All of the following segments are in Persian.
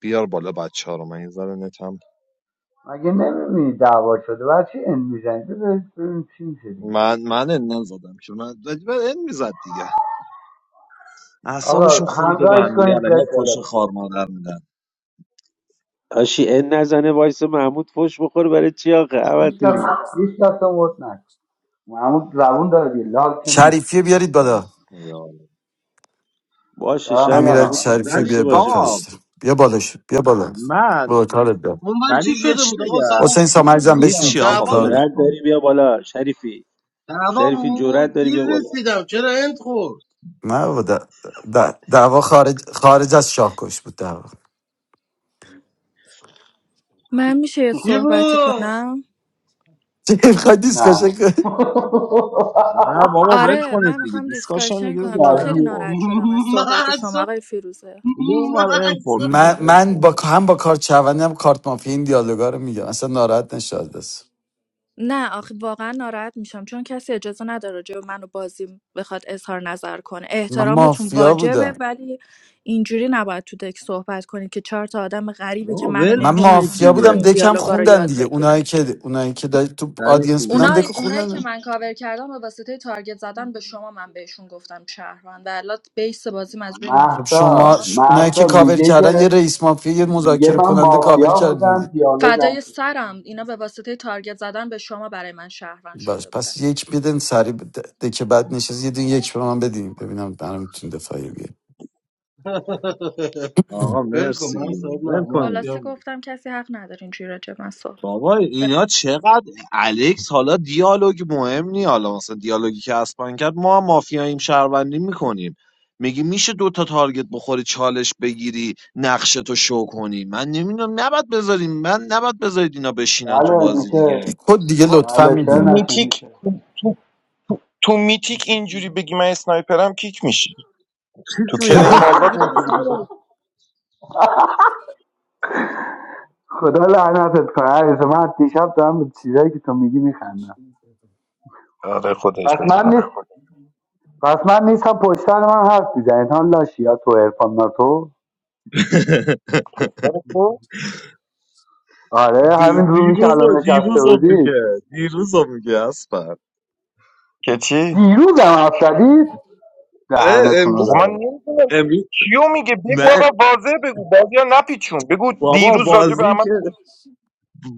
بیار بالا بچه ها رو من یه ذره نتم مگه نمیبینی دعوا شده برای چی این میزنید بذارید ببینیم چی میشه دیگه من من ان نزدم که من من ان میزد دیگه اعصابشون آقا خورده به همزایش هم دیگه کنید بیاد الکی بالا فوش خار مادر میدن هاشی ان نزنه وایس محمود فوش بخوره برای چی آخه احمد هیچ کس دوری هیچ کس هم ووت نکن محمود زبون داره دیگه لال که نیست شریفی بیارید اوه، بالا یا. باشه دارم شب امیرعلی میارم محمود دوست شریفی ولی بیار نداشته با باشه فوش کارش آقا دارم. بده. بیا بالا شد بیا بالا من با کارت بیا اونور چی ولی یه شده چی بود آقا بگم سلام حسین دیر سامرزم میگی بشین رسیدم چی تو دیگه آقا دعوا کار ولش بود دارم. جرأت کن داری بیا بالا شریفی دعوا شریفی جرأت بود داری دیر بیا بالا رسیدم چرا انت خورد نه بابا د- د- دعوا خارج خارج از شاهکش بود دعوا من میشه یه چی صحبتی بود کنم چه می‌خوای دیسکشن نه کنی؟ نه بابا ول آره من کنید دیگه میخوام دیسکاشن دیسکاشن دیگه کنم اون بر چون این خیلی یعنی خورد ناراحت شدم از صحبت شما محسا آقای فیروزه دیگه اون بر این خورد محسا دیگه من ول من با کنید هم با کارت چوندی هم کارت مافیا این دیالوگا رو میگم اصلا ناراحت نشد از دست نه آخه واقعا ناراحت میشم چون کسی اجازه نداره راجع به من و بازیم بخواد اظهار نظر کنه من احترامتون مافیا واجبه بودم ولی اینجوری نباید تو دک صحبت کنید که چهار تا آدم غریبی که آقا منو ول من کنید نمیشناسن مافیا بخوام دیگه بودم این دکم دیالوگا رو خوندن یاد دیگه اونایی بگیرن که اونایی که دا- تو شریفی آدینس بودن بیا اونای دکو اونایی که خوندن من کاور کردم به واسطه تارگت زدن به شما من بهشون گفتم شهروند و الان بیس بازیم از روی خب مافیا محسا شما ش... اونایی محسا که کاور میگه کردن یه که رئیس مافیا یه میگه مذاکره من کننده کاور مافیا کردین دی- بودم دیالوگم فدای شده. سرم اینا به واسطه تارگت زدن به شما برای من شهروند باش شده پس بودن یک بدین سری که بعد نشست یه دین یک به من بدین ببینم برام میتونین دفاعی بیارین. آقا ول کن مرسی من دیگه صاحب نه، ول کنید مافیا خلاصه بودی گفتم کسی حق نداره اینجوری راجع به من صحبت بابا اینا چقدر الکس حالا دیالوگ مهم نی حالا مثلا دیالوگی که اسپان کرد ما هم مافیاییم شهروندی میکنیم میگی میشه دو تا تارگت بخوری چالش بگیری نقشه تو شو کنی من نمیدونم نباید بذاریم من نباید بذارید اینا بشینن تو بله بازی میشه یه دیگه کد دیگه آقا، لطفا بله تو چرا میدیم نشه میتیک میشه تو, تو, تو میتیک اینجوری بگی من اسنایپرم کیک میشی تو چیک می و کلیم همون آزاد دیگه داداش اینجوری بگی نباید خدا لعنتت کنه عزیز من از دیشب دارم به چیزایی که تو میگی میخندم آره خودش پس من بگم نیست پس من نیستم پشت سر من حرف میزنید هم لاشی یا تو ارفان ناتو تو آره دی- همین رومی که دیروز الان نشسته دیروز هم میگه بودید دیروز هم میگه اسپر که چی دیروز هم حرف زدید اه، دهنتون رو امروز آقا که- من ببند. نمیدونم امروز کیو میگه بگو نه آقا واضح بگو بازی ها نپیچون بگو بابا دیروز راجع به بازی احمد که نوشت.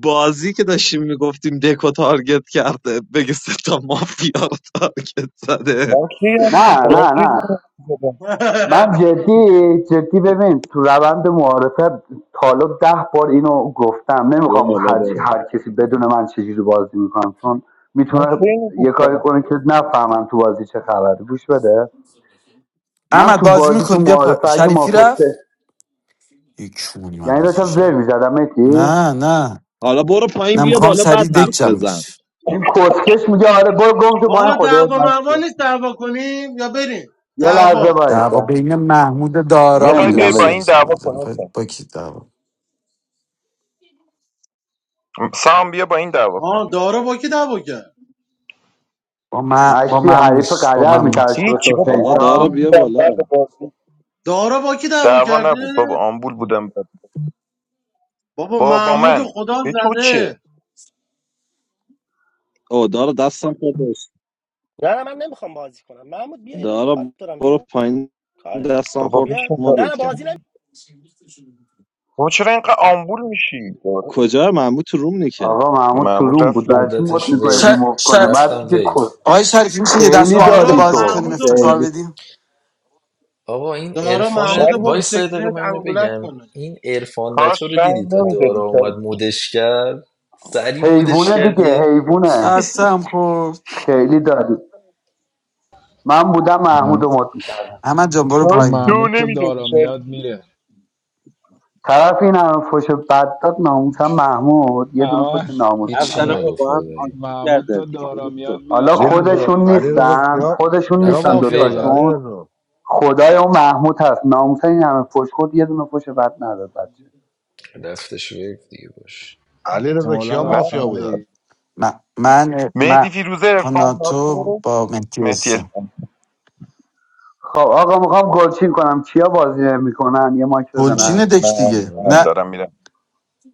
بازی که داشتیم میگفتیم دکو تارگت کرده بگه سه تا مافیا رو تارگت زده من کی نه هستم ب- من نه کی نه زدم من جدی جدی ببین تو روند معارفه تا حالا ده بار اینو گفتم یه نمیخوام والا هر, داره. چی- هر کسی بدون من چجوری بازی میکنم چون من میتونه کی یه کاری گفتم کنه که نفهمم تو بازی چه خبره گوش بده من احمد تو بازی بازی تو میکن بیا پا... معارفه اگه شریفی مافیا سه- رفت یک چونی من یعنی از این داشتم زر شریف میزدم متی نه نه حالا برو پایین نه بیا میخوام بالا بعد سریع دک حرف جمع بزن بشه این کسکش میگه آره برو گم تو پایین آقا خودت دعوا مشتی مروا نیست دعوا کنیم یا بریم یه لحظه دعوا دعوا وایسا بین محمود دارا میخوای بوده بیای نمیگم با حسین این ولش کن دعوا سامانزه کنی میخواد حسین؟ با کی دعوا سام بیا با این دعوا کن آه دارا با کی دعوا کرد با, م... با مشتی محمود حریف با قدر محمود میترشه به هیچی حسین آقا بابا سام آمبول دارا بیا بودم بالا بعد بازی دارا با کی دعوا دعوا کرده نبود بابا آمبول بودم بابا بابا محمود رو من خدا به تو چه زده او دارا دستم خورد نه نه من نمیخوام بازی کنم محمود بیا یه دقیقه دارا کار دارم برو بیا پایین کارش دستم بابا خورد بیا بشین دا- نه نه مدت کرد بازی بابا چرا اینقدر آمبول میشی کجا ممبو تو روم نیکه آقا محمود تو معمول روم رفت بود رو. برای چی مد بردتش میکنه ویو ریموف کنه رفتم مرتی که ویو کسکش آقای شریفی میشه یه دست خیلی با هم دیگه دادی دارا بازی تو کنیم محمود رو افتخار برد خیلی بدیم آقا این دارا عرفان محمود رو شریف برد وایس یه دقیقه سکرت من اینو انگولک بگم کنه این عرفان کاش ناتو رو رنگ دیدی تا دارا نمیدادی اومد شریف مودش کرد سری مودش حیوونه کرد دیگه یه حیوونه دستم خورد خیلی دادی من بودم محمود مح- رو مد میکردم احمد جان برو کاش پایین تو محمود تا نمیدادی دارا شریف میاد میره طرف این همه فش بد داد ناموسم محمود یه دونه اما فش ناموسی هیچی رفتن م- نداد آقا نگفت با هم خدایی آشتی محمود کردن تا دیگه دارا ولش میاد کن میره حالا چون دارا علیرضا خودشون ایران علیرضا نیست نیستن کیا خودشون کیا نیستن رفتم مافیا ویو بودن دوتاشون الان علیرضا خدای اون محمود هست ناموسا این همه فوش خود یه دونه فوش بد نداد بچه رفتش ویو دیگه باش علیرضا کیا احتمالا نه مافیا رفتم بودن وی من من من مهدی فیروزه با ارفان ناتو با مهدی مهدی هستم ارفان خب آقا میخوام گلچین کنم کیا بازی میکنن یه ماک گلچین من بزنن من دک دیگه منو من نه بیار دارم بالا. میرم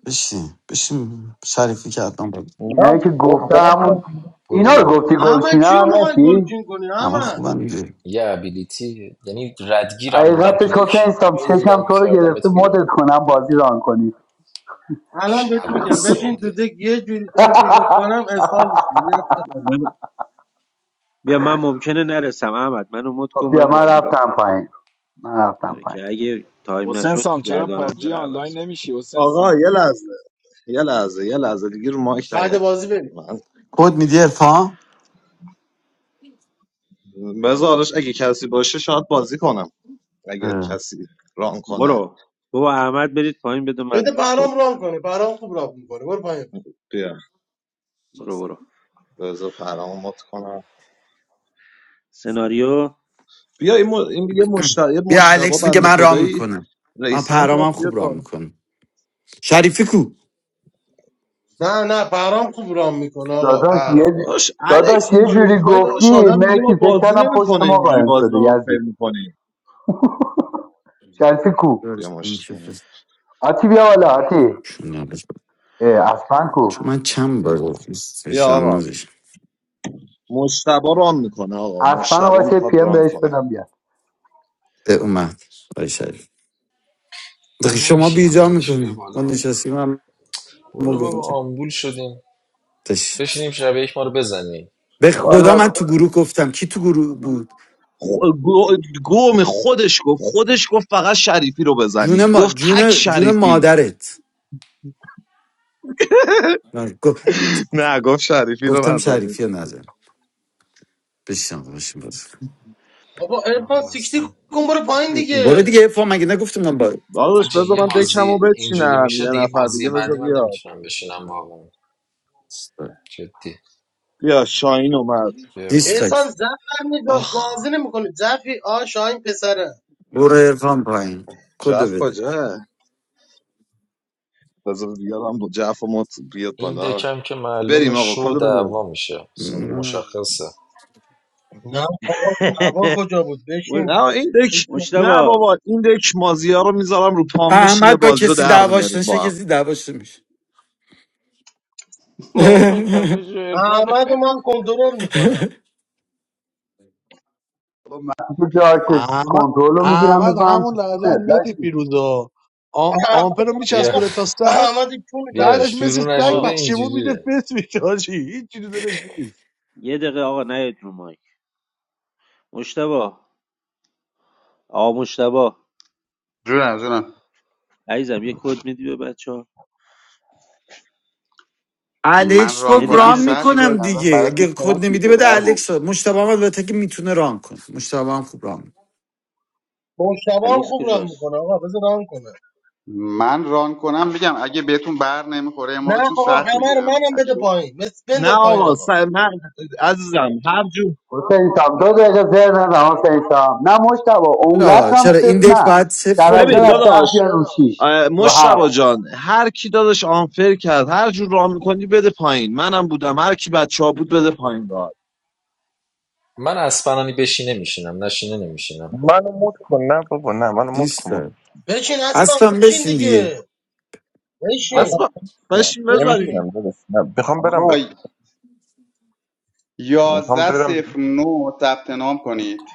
بشین بشین شریفی که حتما بود نه اینایی که بابا گفته دارم همون میرم اینا برو رو بابا گفتی اما چی رو گلچینن میخوای نکی گلچین کنی همه اما خوبم دیگه یه ابیلیتی یعنی ردگیرم بودم تو حقیقتش حسین دک سام چشم میموندم تو رو گرفته میکردمت بیرون مدت کنم بازی ران کنی الان بهت شهروند میگم بشین تو ساده دک یه جوری تارگتت کنم اسال من- بیا من ممکنه نرسم احمد منو مد کن خب بیا من من بازی را کنم. رفتم پایین من رفتم آره پایین که اگه تایم حسین نشد سام چرا گرداننده پابجی رو عوض آنلاین کن نمیشی حسین آقا سام یه لحظه یه لحظه یه لحظه دیگه رو مایک بعد نیایید بازی بریم من کد میدی ارفان بذارش اگه کسی باشه شاید بازی کنم اگه اه. کسی ران کنه برو بابا احمد برید پایین بده من بده کد پرام بدم. رام کنه پرام خوب رام میکنه برو پایین بیا برو برو بذار پرامو مت کنم سناریو بیا این, م... این یه مشت- یه بیا مشتبه الکس میگه بنده من رام خدایی میکنم من رئیسن کرد پرامم خوب بیاد رام بالا میکنم شریفی کو نه نه پرام خوب رام میکنه آقا داداش پرام یه داداش الکس داداش یه اینجوری جوری میکنی داداش گفتی آدم دیگه ما مرسی فکر بازی کردم پشت نمیکنه ما اینجوری قایم بازی شده با ما فکر یزید میکنی شریفی کو بیا درست، این که مشتبه فرست. آتی بیا بالا آتی چون نبود. اه، اصلا کو چون من چند بار گفتم. سه بیا شان آقا نزش. مشتبه ران میکنه آقا اصلا مشتبه واسه میخواد پی ام ران بهش کنه بدم بیاد به اومد آی شریفی. دقیقا من شما نمیشینم بیجا دادش بیا میکنی ما بالا من نشستیم هم ما برو بابا گفتیم آمبول شدیم تش. بشینیم شب یک ما رو بزنی به خب، خدا حالا من تو گروه گفتم کی تو گروه بود خ- گو... گم خودش گفت خودش گفت فقط شریفی رو جون بزنید ما گفت تک جون جون شریفی مادرت من گ- نه گفت شریفی رو گفتم نزنید شریفی رو نزن بشین باشیم باز بابا ارفان والا سیکتی اصلا. کن برو پایین برو دیگه دیگه افا مگه نگفتم من با داداش حاجی بذار یه من دکمو بازی اینجوری بچینم یه میشه دیگه نفر بازی دیگه بذار بعدی من بیاد نمیتونم بشینم واقعا جدی بیا شاهین اومد بیا والا. دیسلایک احسان زب نگاه آخ بازی نمیکنه زفی آ شاهین پسره برو افام پایین کدو جف بده کجا بذار بیارم با جف و مت بیاد این بالا دکم که معلوم بریم آقا شو کدو بده بزن دعوا میشه اصلا مشخصه نه آقا هوا کجا بود بشین نه این دک بشین. نه مشتبا بابا این دک مازیا رو میذارم رو پام میشینه احمد با بازی رو کسی در دعواش میاریم نشه با هم کسی دعواش میشه بابا قبل شو عرفانه احمد رو من کنترل میکنم خب من که جا که احمد کنترل رو میگیرم احمد میفهم همون تو لحظه از چونه متی لاشی پیروزا آمپر رو بیا میچسبونه تا سر احمد چون بیا بعدش مثل شروع سگ نشده آه پشیمون میده اینجوریه فس میشه حاجی. هیچ چیزی دلش نیست یه دقیقه آقا نیاید رو مایک مشتبه آقا مشتبه جونم جونم عزیزم یه کد میدی به بچه ها من الکس گفت ران مهدی کنم ران فیروزه چی سخت میکنم باز میکنم دیگه براتون اگه کد سخت نمیدی میشه بده برهم الکس مشتبه هم البته که میتونه ران کنه مشتبه هم خوب ران می‌کنه. مشتبه هم الکس خوب ران کجاست میکنه آقا بذار ران کنه من ران کنم میگم اگه بهتون بر نمیخوره یه نه موقع چون آقا سخت همه رو میگیرم منم اگه بده به... پایین بس- نه بنداز پایین آقا آقا س- من عزیزم هر جور حسین سام دو دقیقه زر نزن حسین سام نه مشتبه اونقدر چرا هم چرا صفر این دک نه باید صفر ران درجه ببین از بده ده داداش بیان رو شیش اه، رو مشتبه هفت جان هر کی داداش آنفر کرد هر جور راه میکنی بده پایین منم بودم هر کی بچه ها بود بده پایین داد من اسپنانی بشینه میشینم نشینه نمیشینم منو مد کن نه بابا نه منو مد کن بابا نیستم بشین اسبم اصلا بشین بشین دیگه دیگه بابا بشین اصلا بشین بشین نمیشنم بزنیم داداش نه میخوام برم آقا به میخوام یازده صفر نو ثبت نام کنید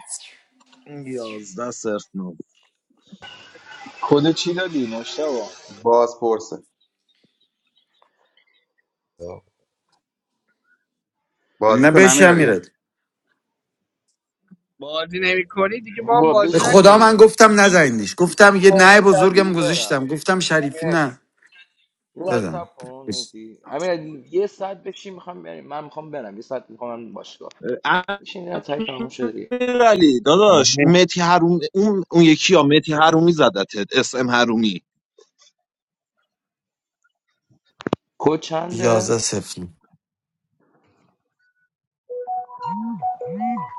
این یازده صرف نو کد چی دادی مشتبا باز پرسه بازی نه کن بشم امیرعلی برم میرد بازی نمیکنی دیگه با هم بابا به بازی بشین خدا من نکنیم دیگه گفتم نزنیدش بشین گفتم یه میخوام نه یه ساعت بزرگم دیگه برم گذاشتم گفتم امیر شریفی علی نه یه از دادم سب کن مسی امیر علی یه ساعت بشین میخوام بریم من میخوام برم یه ساعت میخوام من باشگاه بشین یه تایی تموم شده دیگه امیرعلی داداش متی حروم اون اون یکی ها متی حرومی زدتت اس ام حرومی کد چنده یازده صفر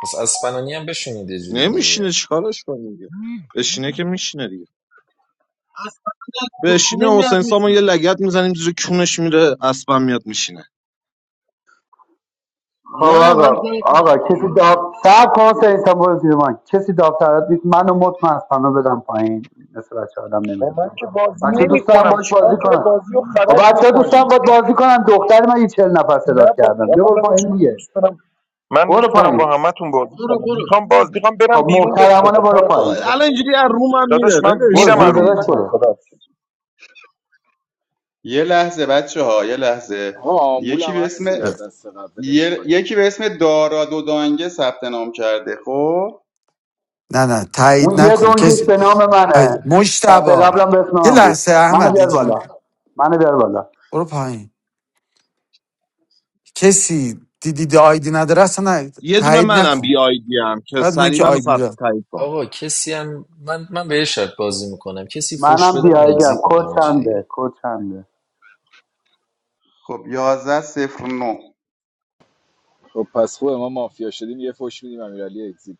پس اسپنانی هم بشونید یه جوری نمیشینه دیگه چیکارش کنیم دیگه بشینه که میشینه دیگه اسبم بشینه بشینه میاد حسین سامو یه میشین لگت میزنیم زیر کونش میره اسبم میاد میشینه خب نه من آقا جای آقا خودم کسی میرم داب سب کن حسین سام برو زیر من کسی داب سرد بیت منو مطمئن از پناه بدم پایین مثل بچه آدم با نمیره من پایین که بازی بچه نمی دوست دارم کنم باش چیکار بازی چرا کنن بازی رو خب خراب بچه ها دوستان میکنی باید بازی کنن دختر من یه چل نفر صداد نه بازی. کردم بیا آقا برو داداش پایین من دیگه دوست دارم من برو دوست دارم با پایین همتون بازی برو کنم برو میخوام باز میخوام برم خب بیرون به محترمانه خدا برو کار آه، پایین دارم الان داداش اینجوری از رومم داداش میره من ولش برو میرم از جون روم داداش کنید بیرون برو خدا یه لحظه بچه ها یه لحظه آقا آمبول یکی هم به اسم هستی دیگه از دست قبلش یه- کنی یکی به اسم دارا دودانگه ثبت نام کرده خب نه نه اون تایید یه نکن دونکش کسی به نام آی، منه دفعه مشتبه قبلم به اسم یه من بود لحظه منو احمد بیار جون بالا منو بیار بالا برو پایین کسی دیدی آیدی نداره اصلا نه- یه دونه تایید منم نکن بی آیدی ام که فقط اونایی سری که منو آیدی ثبت داره تایید کن آقا کسی هم من من به یه شرط بازی میکنم کسی فوش منم بده من بیایدم اگزییت کد میدم آجی دیگه چنده کد چنده خب یازده صفر نو خب پس خوبه ما مافیا شدیم یه فش میدیم امیرالی اگزیب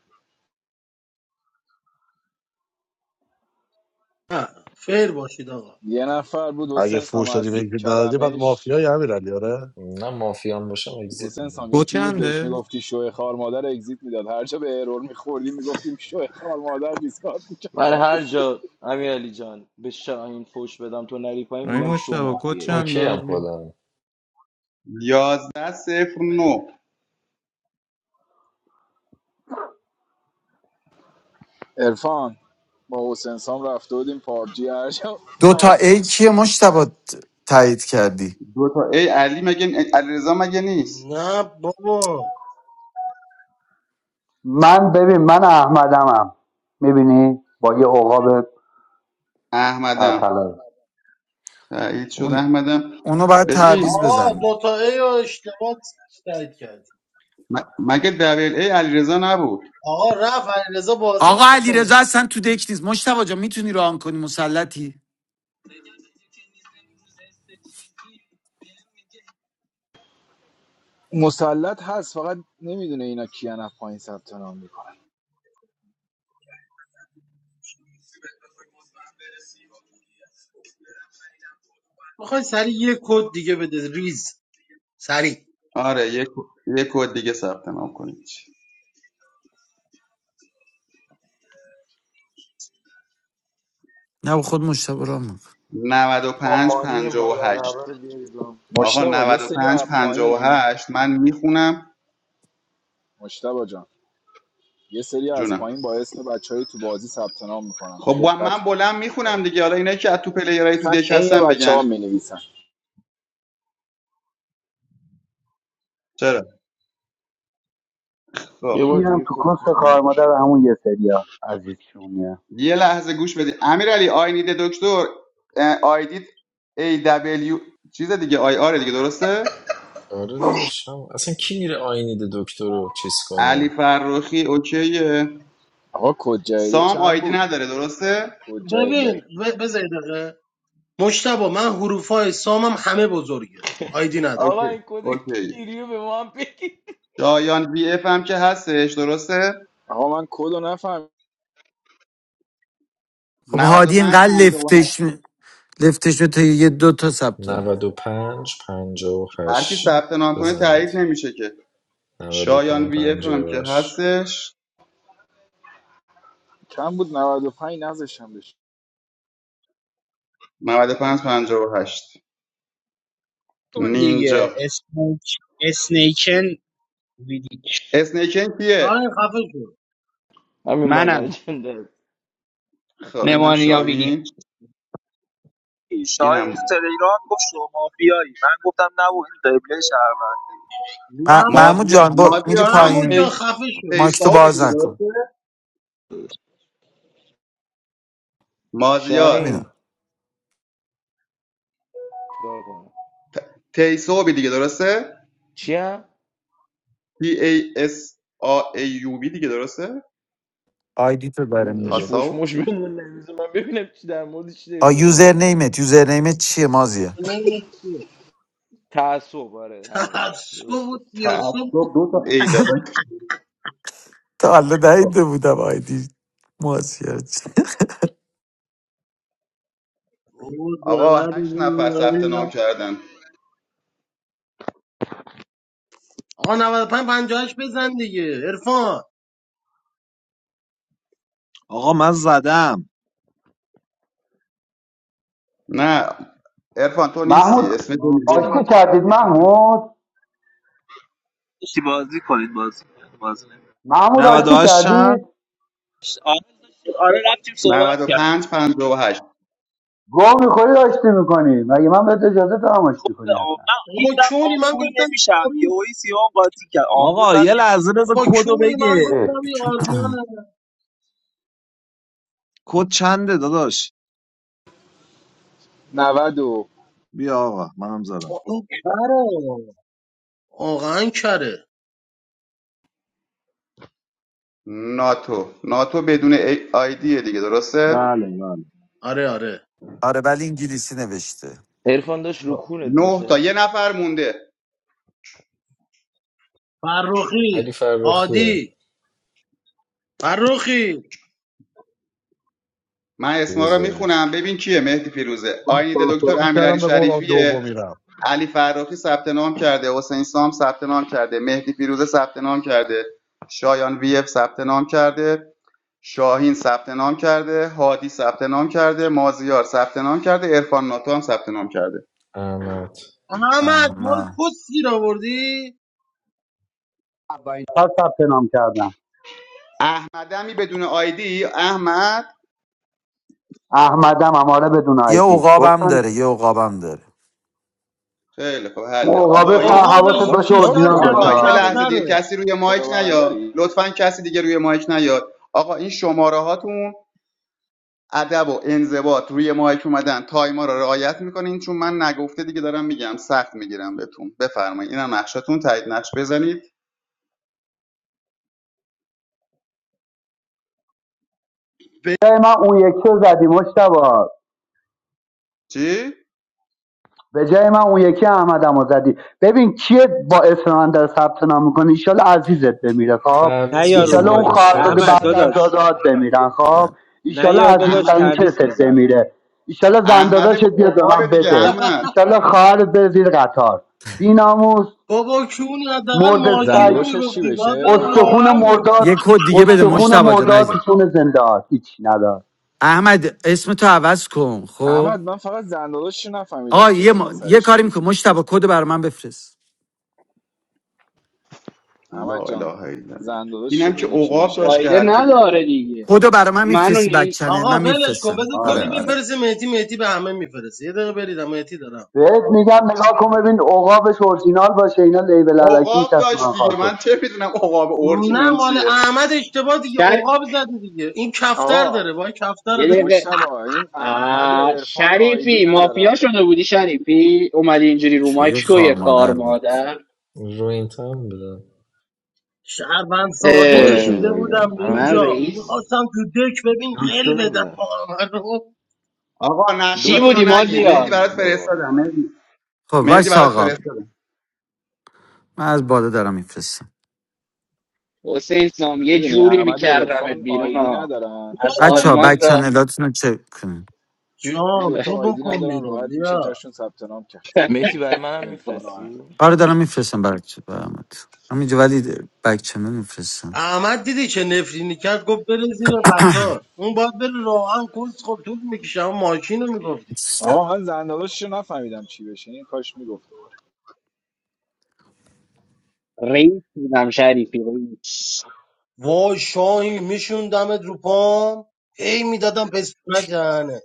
نه فیر باشید آقا یه نفر بود اگه حسین سام فوش دادی به از یکی ندادی بعد کلمش مافیا یه همین علی آره نه مافیا هم باشم اگزیت حسین میدم سام کد یکی بود بهش چنده؟ میگفتی شوه خار مادر اگزییت میداد هر جا به ارور میخوردی میگفتیم شوه خار مادر دیسکارد من هر جا امیر علی جان به شاهین فوش بدم تو نری پایین این میگم شو مشتبه کد مافیه ای چنده اوکی هم آجی؟ خودم یازده صفر نو ارفان با حسین سام رفته بودیم پابجی هر جا دو تا هر- ای کیه مشتبه تایید کردی دو تا ای علی مگه علیرضا مگه نیست نه بابا من ببین من احمدمم میبینی با یه عقاب احمدم سرطلا تایید خب شد اون- احمدم اونو باید ببین تعویض آقا بزنی دوتا ای رو اشتباه تایید کرد م- مگه دبل ای علیرضا نبود آقا رفت علیرضا بازی آقا علیرضا، نمیکنه رضا اصلا تو دک نیست مشتبه جا میتونی ران کنی مسلطی مسلط هست فقط نمیدونه اینا کیان از پایین ثبت نام میکنن میخوای سریع یه کد دیگه بده ریز سریع آره یک یک کد دیگه ثبت نام کنید نه با خود مشتبه ران میکن نود و با پنج مانی پنجاه و مادر هشت قبر رو بیارید با. آقا مشتبا یه نود و سری پنج از پنجاه و پایین هشت من میخونم مشتبا جان یه سری از جونم پایین با اسم بچه تو بازی ثبت نام میکنن خب با دقت من کن بلند پایتر. میخونم دیگه حالا اینا که از تو پلیرای تو اصلا دک عین هستن بچه ها بگن می نویسن چرا خب یه بار کیرم دیگه تو کد کنس بگو کار مادر همون یه سریا عزیزشونیه یه لحظه گوش بدید امیرعلی آی نید دکتر آیدید ای دبلیو چیز دیگه آی آر دیگه درسته آره داداشم اصلا کی میره آینید دکتر رو چیز علی کنه فرخی اوکیه آقا کد جدیده سام چند آیدی بود نداره درسته کد جدیده ببین ب- بذار یه دقیقه مجتبا من حروفای سامم همه بزرگه آیدی ندارم اوکی آقا این کد اوکی کیریو به ما هم بگی شایان وی اف هم که هستش درسته آقا من کد رو نفهم خب هادی 95 اینقدر لفتش 57 می- لفتش به تا یه دو تا ثبت نام. 95 هر کی 58 ثبت نام کنه تایید بزنید نمیشه که نود و شایان وی اف هم که 58 هستش چند بود 95 نذاشتم بشه 95 58 کن دیگه نینجا اسنیک اسنیکن ویدیک اسنیکن کیه شاید خفه شد همین مادر منم جنده خب اینم نمانیا ویدیک شاهین شاهین اینم تو تلگرام گفت شما مافیایی من گفتم نه و این قبله شهروندی م- مم محمود مازی- جان با میری مازیار جان محمود پایین جا تی خفه شد مایک تو تیساوبی باز دیگه نکن درسته مازیار شاهین ببینم چیکار کنم تیساوبی دیگه درسته چیا T A S A A U B دیگه درسته آیدی تو داره داش میگه فوش تاساوب مش بمون نمیزه من ببینم چی در مورد چی داری آ صحبت یوزر میکنیم نیمت یوزر نیمت چیه مازیه نمی‌دونم چیه. تعصب آره همونه تعصب درست و گفتی تیاسب تعصب بود دو تا ای داره تا حالا خب. ندیده بودم آیدی مازیار چی. آقا داری هشت نفر بود، ثبت نام داری. کردن آقا 95 58 بزن دیگه عرفان آقا من زدم نه ارفان تو نیستی محمود اسم تو من نیست آشتی بیام کردید محمود یکی بازی کنید بازی کنید بازی محمود آشتی 98 چند کردید نمیشه آره آره رفتیم نود صحبت و پنج کردیم پنجاه و هشت. گوه میخوری آشتی میکنی مگه من بهت اجازه دارم آشتی خب به کنی آم... اصلا من بابا هیچ وقت کونی من آمبول گفتم نمیشم یه شارو هایی سیام قاطی کرد آمبول آقا من یه نمیشم لحظه بذار بابا کدو چونی من بگه اه. گفتم این آلمانه کد چنده داداش 90 و- بیا آقا منم زدم بابا این کره واقعا کره ناتو ناتو بدون ای آیدیه دیگه درسته بله بله آره آره آره ولی انگلیسی نوشته عرفان داشت رو کونت نه تا نشست یه نفر مونده علی فرخی فرخیه هادی فرخی من اسما رو بذارید میخونم ببین کیه مهدی فیروزه من آینید دکتر سرسرم امیرعلی کردم به قول آن شریفیه دوم میرم علی فرخی ثبت نام کرده حسین سام ثبت نام کرده مهدی فیروزه ثبت نام کرده شایان وی اف ثبت نام کرده شاهین ثبت نام کرده هادی ثبت نام کرده مازیار ثبت نام کرده عرفان ناتو هم ثبت نام کرده احمد احمد مال احمد کس گیر آوردی اولین نفر ثبت نام کردم احمدمی بدون آیدی احمد احمدم اماره بدون یه آیدی عقابم گفتم داره که یه عقابم داره خیلی خب اون حله آقا عقابه این سر حواست آقابش شما باشه چیکار بیشتر اورجینال میکنید باشه کبیر آقا آیدی یه ها. ندارید لحظه دیگه کفتره کسی روی مایک کلا نیا لطفا کسی دیگه روی مایک نیاد آقا این شماره هاتون ادب و انضباط روی مایک اومدن تایما رو رعایت میکنین چون من نگفته دیگه دارم میگم سخت میگیرم بهتون بفرمایید اینم نقشتون تایید نقش بزنید جای من اون یکی رو زدی مشتبه چی به جای من اون یکی احمد هم زدی ببین کیه با اسم من در ثبت نام میکنه ایشالا عزیزت بمیره خب تعویز نیا رو بزن ایشالا اون مایک داداش خواهرزاده ولش رحمت بعد از کن داداش دادات بمیرن خب چه؟ ایشالا نیا داداش احمد عزیزترین تعویض کست بزن بمیره ایشالا احمد زنداداشت با بیاد به عقاب من دیگه بده احمد ایشالا خواهرت بره زیر قطار بیناموس بابا کونی حداقل مرد ماشین رو سگ زنداداشش چی میگفتی باید بشه بده استخون راهنمو مرداد یه کد دیگه بده استخون مشتبا جان مرداد تو عزیزم. خون زنده هات هیچی ندار احمد اسم تو عوض کن خب احمد من فقط زنداداشش رو نفهمیدم آقا چه یه, بلایی ما... یه سرش کاری بود. میکن مشتبا کد برای من بفرست لا احمد اله جان الا الله زنداداشش رو اینم که میگی چی عقاب داشت بشه که فایده هر کی بود نداره دیگه کدو برای من منو میفرستی بک نی... چنل آقا من ولش کن میفرستم بذار کدو آره برام آره بفرسه مهدی مهدی به همه میفرسه یه دقیقه برید مهدی دارم بهت میگم نگاه کن ببین عقابش اورجینال باشه اینا لیبل علکی عقاب داشت میچسبونن دیگه من خالکستر چه میدونم عقاب نه اورجینال مال چیه احمد اشتباه دیگه شر... عقاب زدی دیگه این کفتر آقا داره وای کفتر یه داره دقیقه مشتبا این احمد و آه، عرفان آیدی شریفی مافیا ندارن شده بودی شریفی اومدی اینجوری رو چوی مایک تو خار یه خار مادر بود مادر رو این تن بده شهروند ساده کارشو کشیده اه، گاییدم بودم من منم اینجا دکتر رئیس بودم میخواستم تو دک ببین قل دکتر بدم بودم محمد رو. آقا چی نقشاتون رو بودی دکتر نگید تخمی مهدی مازیار برات بودم بابا فرستادم مهدی خب وای مهدی برات آقا فرستادم من از بالا دارم میفرستم حسین سام یه میدونی جوری احمد و میکردمت عرفان بیرون آیدی ها ندارن از بچه ها بک آلمان تا چنلاتون رو چک کنین. این جان دوتا تو آیدی بکن ندارن بیرون راحت میشه بیا جاشون ثبت نام کرد متی برای منم عرفان و احمد میفرستی آره دارم میفرستم برات برامت همینجا ولی بک چنل میفرستم احمد دیدی چه نفرینی کرد گفت بره زیر قطار اون باید بره راهن کس خب طول میکشه اما ماشین رو میگفتی آقا من زنداداشش رو نفهمیدم چی بشه این کاش میگفت رئیس بودم شریفی رئیس وای شاهی میشوندمت رو پام هی میدادم پستونک دهنه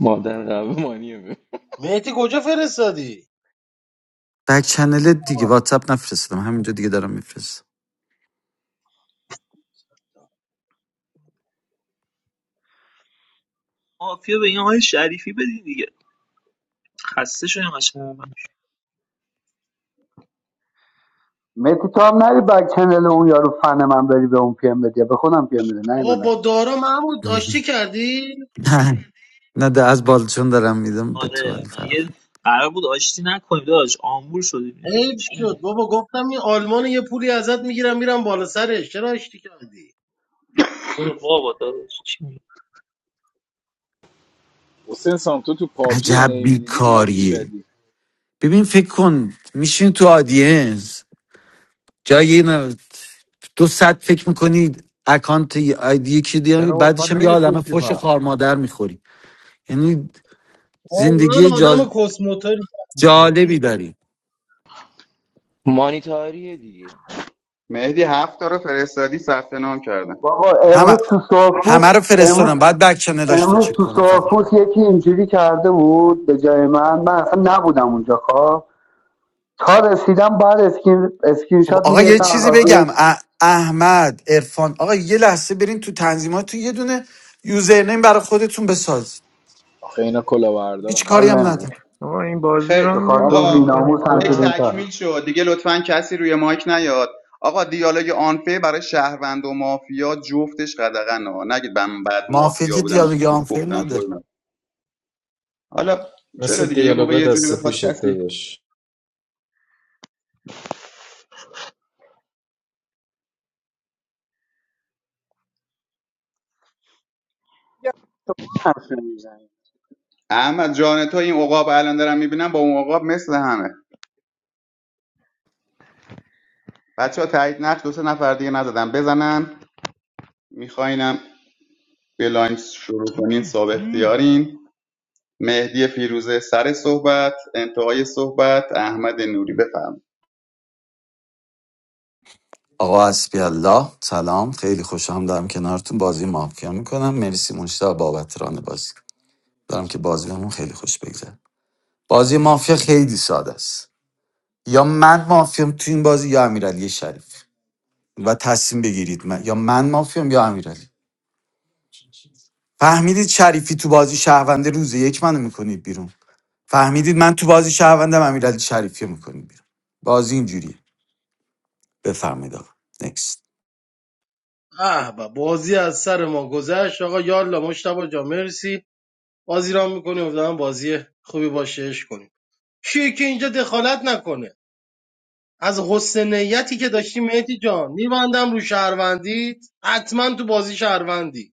مادر قهوه مانیه می- مهدی کجا فرستادی بک چنل دیگه آها. واتساپ نفرستم همینجا دیگه دارم میفرستم مافیا به این های شریفی بدین دیگه خسته شدیم قشنگ من. مهدی تو هم نری بک چنل اون یارو فن من بری به اون پی ام بدی به خودم پی ام بده بابا نیومدم با دارا محمود داشتی کردی نه نه ده از بالچون دارم میدم به تو آره علی مگه فراخی قرار بود آشتی نکنیم داداش آمبول شدیم دیگه حیف چی شد می‌گی؟ بابا گفتم این آلمان یه پولی ازت میگیرم میرم بالا سرش چرا آشتی کردی برو بابا داداش چی می‌گی؟ حسین سام تو تو پابجی عجب نیمیدی داد بیکاریه میزدی ببین فکر کن میشین تو آدینس جای نه دو ساعت فکر میکنی اکانت ی- آیدی یکی دیگه چرا بعدش واسه هم یه عالمه نمیفروشتی فش پا خار مادر میخوری یعنی زندگی واقعا جا- آدم کسموتاری به جالبی داری مانیتاریه دیگه مهدی هفت تا رو فرستادی ثبت نام کردم بابا همه امروز تو سوافوس همه رو امروز فرستادم بعد بک چنل داشتون امروز چک تو کنم فقط سوافوس یکی اینجوری کرده بود به جای من من اصلا نبودم اونجا خب تا رسیدم بعد اسکین اسکرین خب شات آقا میگه یه تا از چیزی بگم آدرس ا- احمد عرفان آقا یه لحظه برین تو تنظیماتتون یه دونه یوزرنیم برای خودتون بساز آخه اینا هیچ کلاهبردارن کاری حال نمی‌تونن. هم نداره نمیده آقا این بازی رو خیلی به هم خب. خاطر اون نمیخواین آقا کنیم بیناموس هم یک شده این فعلا تکمیل کارا. شد دیگه لطفا کسی روی مایک نیاد آقا دیالوگ آنفه برای شهروند و مافیا جفتش قدغن ها نگید من بعد مافیا که مافیا بودم دیالوگ آنفیل گفتم تو نداره نه. حالا چرا مثل دیگه یه موقع دیالوگای یه جوری دست بخواد پیشت کسی داداش میگم تو حرف نمیزنی احمد جان تو این عقاب الان دارم میبینم با اون عقاب مثل همه بچه ها تایید نقش دو سه نفر دیگه نزدن بزنن میخواینم بلاین شروع کنین صاحب اختیارین مهدی فیروزه سر صحبت انتهای صحبت احمد نوری بفرمایید آقا حسبی الله سلام خیلی خوشم دارم کنارتون بازی مافیا میکنم مرسی مشتاق بابت ران بازی دارم که بازی بهمون خیلی خوش بگذره بازی مافیا خیلی ساده است یا من مافیام تو این بازی یا امیرعلی شریف و تصمیم بگیرید من یا من مافیام یا امیرعلی فهمیدید شریفی تو بازی شهرونده روز یک منو میکنید بیرون فهمیدید من تو بازی شهروندم امیرعلی شریفی رو میکنید بیرون بازی اینجوریه بفرمایید آقا نکست به، بازی از سر ما گذشت آقا یالا مشتبه جا مرسی بازی را میکنی امیدوارم بازی خوبی باشه عشق کنیم کیه که اینجا دخالت نکنه از حسن نیتی که داشتی مهدی جان میبندم رو شهروندیت حتما تو بازی شهروندی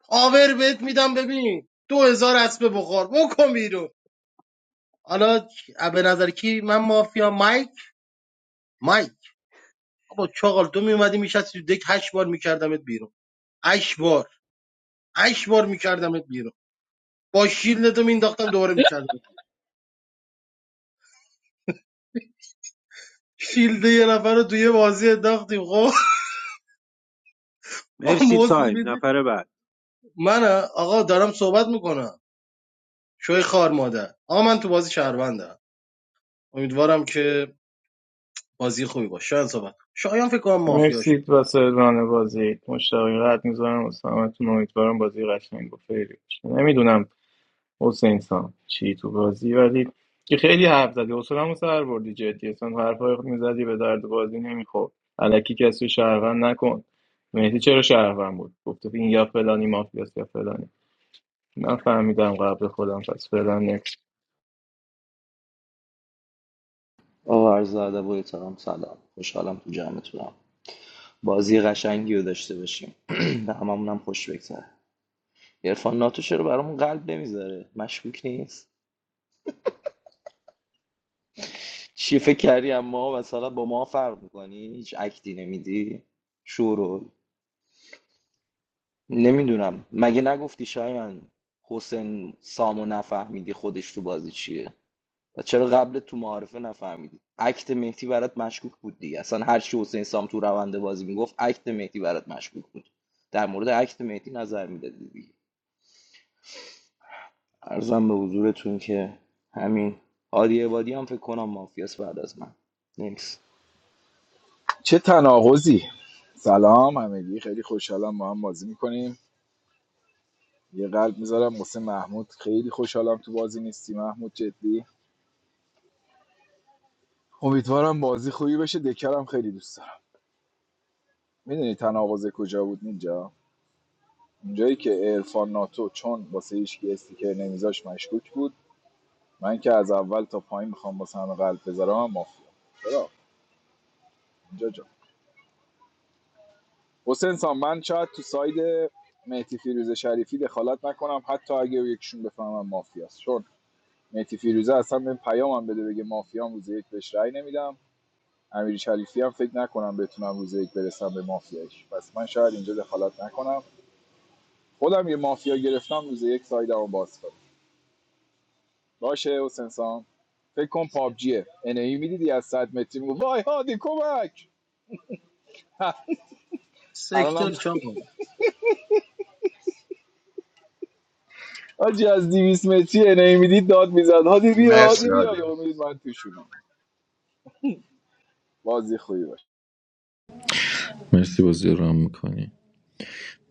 پاور بهت میدم ببین دو هزار اسبه بخور بکن بیرون حالا به نظر کی من مافیا مایک مایک با چاقال تو میومدی میشستی تو دک هشت بار میکردمت بیرون هشت بار هشت بار میکردمت بیرون با شیلدتو مینداختم دوباره میکردم شیلد یه نفر رو توی بازی انداختیم خب با مرسی محسن تایم نفر بعد من آقا دارم صحبت میکنم شوی خار مادر آقا من تو بازی شهروندم امیدوارم که بازی خوبی باشه شاید صحبت شایان فکر کنم مافیا مرسی شد واسه ران بازی مشتاقی قد میذارم واسه همتون امیدوارم بازی قشنگ و فیری باشه نمیدونم حسین سام چی تو بازی ولی که خیلی حرف زدی حوصله‌مو سر بردی جدی اصلا حرفای خود میزدی به درد بازی نمیخورد الکی کسی رو شهروند نکن مهدی چرا شهروند بود گفته این یا فلانی مافیاست یا فلانی من فهمیدم قبل خودم پس فعلا آقا عرض ادب و احترام سلام خوشحالم تو جمعتونم بازی قشنگی رو داشته باشیم به هممونم خوش بگذره عرفان ناتو چرا برامون قلب نمیذاره مشکوک نیست چی فکر کردی اما مثلا با ما فرق میکنی هیچ اکتی نمیدی شورو نمیدونم مگه نگفتی شاید من حسین سامو نفهمیدی خودش تو بازی چیه و چرا قبل تو معارفه نفهمیدی اکت مهدی برات مشکوک بود دیگه اصلا هر چی حسین سام تو روند بازی میگفت اکت مهدی برات مشکوک بود در مورد اکت مهدی نظر میدادی دیگه ارزم به حضورتون که همین هادی عبادی هم فکر کنم مافیاس بعد از من نیکس چه تناقضی سلام همگی خیلی خوشحالم ما هم بازی میکنیم یه قلب میذارم واسه محمود خیلی خوشحالم تو بازی نیستی محمود جدی امیدوارم بازی خوبی بشه دکرم خیلی دوست دارم میدونی تناقض کجا بود اینجا اونجایی که ارفان ناتو چون واسه هیچ کی استیکر نمیذاش مشکوک بود من که از اول تا پایین میخوام واسه همه قلب بذارم هم مافیا چرا اینجا جا حسین سان من شاید تو ساید مهدی فیروز شریفی دخالت نکنم حتی اگه یکشون بفهمم مافیاست مهدی فیروزه اصلا به پیامم بده بگه مافیام روز یک بهش رأی نمیدم امیر شریفی هم فکر نکنم بتونم روز یک برسم به مافیاش پس من شاید اینجا دخالت نکنم خودم یه مافیا گرفتم روز یک سایدمو باز کنم باشه حسین سام فکر کن پابجیه ان ای میدیدی از 100 متری میگو وای هادی کمک الانم سکتر چاقا حاجی از 200 متری ان ای میدید داد میزد هادی بیا مرسی هادی علی بیا یا امید من توشونم بازی خوبی باشه مرسی بازی رو هم میکنی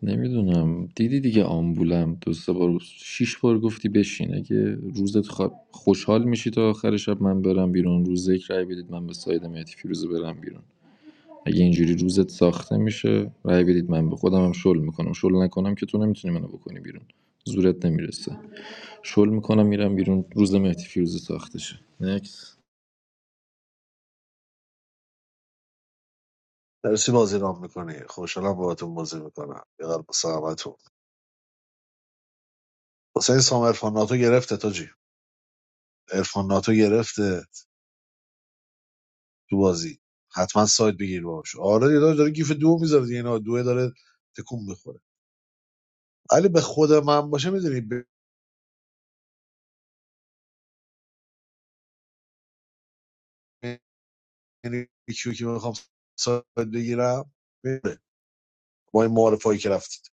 نمیدونم دیدی دیگه آمبولم دو سه بار شیش بار گفتی بشین اگه روزت خوا- خوشحال میشی تا آخر شب من برم بیرون روز یک رای بدید من به ساید مهدی فیروزه برم بیرون اگه اینجوری روزت ساخته میشه رای بدید من به خودم هم شل میکنم شل نکنم که تو نمیتونی منو بکنی بیرون زورت نمیرسه شل میکنم میرم بیرون روز مهدی فیروزه ساخته شه نکس درسی بازی رام میکنی خوشحالم باهاتون بازی میکنم یه قلب سلامتون حسین سام عرفان ناتو گرفته تاجی عرفان ناتو گرفته تو بازی حتما سایت بگیر باش آره دیگه داره, داره گیف دو میذاره دیگه اینا دو داره تکون میخوره علی به خود من باشه میدونی بین کیو که میخوام سایت بگیرم بره. با این معارف هایی که رفتید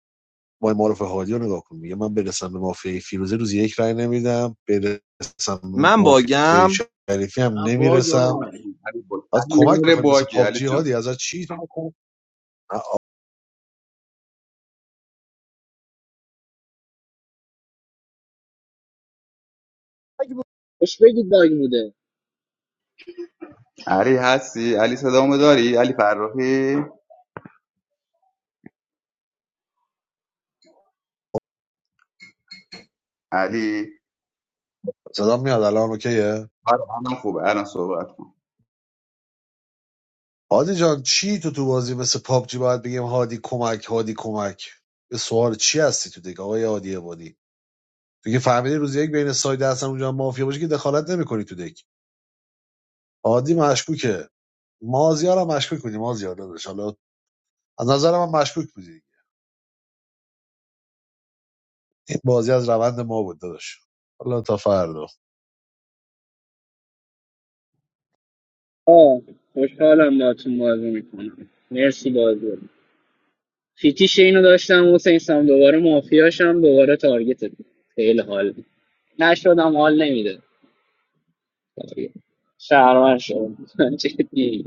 با این معارف هادی رو نگاه کن میگه من برسم به مافیای فیروزه روز یک رای نمیدم برسم به من مافیای باگم شریفی هم آقا باگ نمیرسم آقا علی علی با- بعد علی یه کمک ذره بخوایم مثل باگی علی پابجی جان هادی ازت چی اگه بود- بهش بگید باگ بوده علی هستی علی صدامو داری علی فرخی علی زدم میاد الان اوکیه آره الان خوبه الان صحبت کن هادی جان چی تو تو بازی مثل پابجی باید بگیم هادی کمک هادی کمک به سوال چی هستی تو دک آقای هادی عبادی تو که فهمیدی روز یک بین ساید هستن اونجا مافیا باشه که دخالت نمیکنی تو دک هادی مشکوکه مازیار هم مشکوک بودی مازیار داداش حالا از نظر من مشکوک بودی این بازی از روند ما بود داداش حالا تا فردا آه خوشحالم باهاتون بازی میکنم مرسی بازی رو. فیتیش اینو داشتم حسین سام دوباره مافیاشم دوباره تارگت بود. خیلی حال نشدم حال نمیده تارگت. شهرمن شدم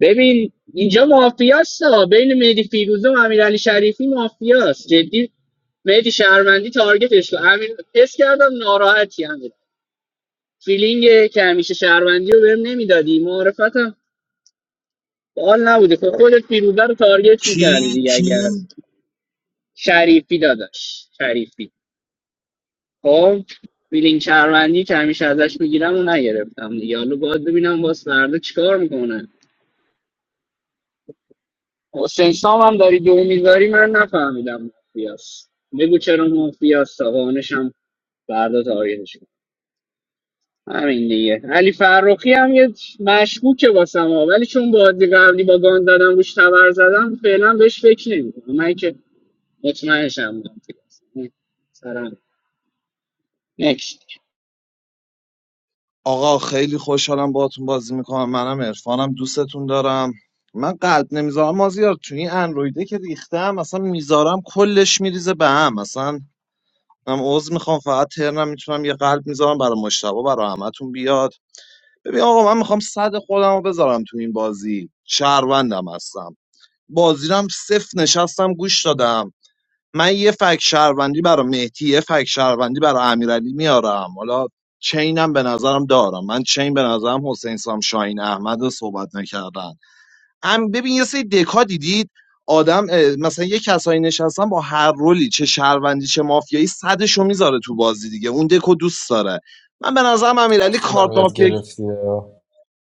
ببین اینجا مافیاست ها. بین مهدی فیروزه و امیرعلی شریفی مافیاست جدی مهدی شهروندی تارگتش کن امیر حس کردم ناراحتی امیر فیلینگ که همیشه شهروندی رو بهم نمیدادی معرفتم حال نبوده خب خودت فیروزه رو تارگت کی میکردی دیگه اگر از کی شریفی داداش شریفی خب فیلینگ شهروندی که همیشه ازش میگیرم و نگرفتم دیگه حالا باید ببینم باز فردا چیکار میکنه حسین سام هم داری دو میذاری من نفهمیدم مافیاس بگو چرا مافیاست؟ تا قانشم فردا تاریخش کنم. همین دیگه علی فرخی هم یه مشکوکه واسم ها. ولی چون بازی قبلی با گان زدم روش تبر زدم فعلا بهش فکر نمیکنم من که مطمئنشم مافیاس سرم نکست آقا خیلی خوشحالم باهاتون بازی میکنم منم عرفانم دوستتون دارم من قلب نمیذارم مازیار تو این اندرویده که ریختم اصلا میذارم کلش میریزه به هم اصلا من عوض میخوام فقط ترنم میتونم یه قلب میذارم برای مشتبه برای همتون بیاد ببین آقا من میخوام صد خودم رو بذارم تو این بازی شهروندم هستم بازیرم صفر نشستم گوش دادم من یه فک شهروندی برای مهدی یه فک شهروندی برای امیرعلی میارم حالا چینم به نظرم دارم من چین به نظرم حسین سام شاهین احمد رو صحبت نکردن هم ببین یه سری دکا دیدید آدم اه، مثلا یه کسایی نشستن با هر رولی چه شهروندی چه مافیایی صدشو میذاره تو بازی دیگه اون دکو دوست داره من به نظرم امیرعلی کارت خودم یاد مافیا گرفتی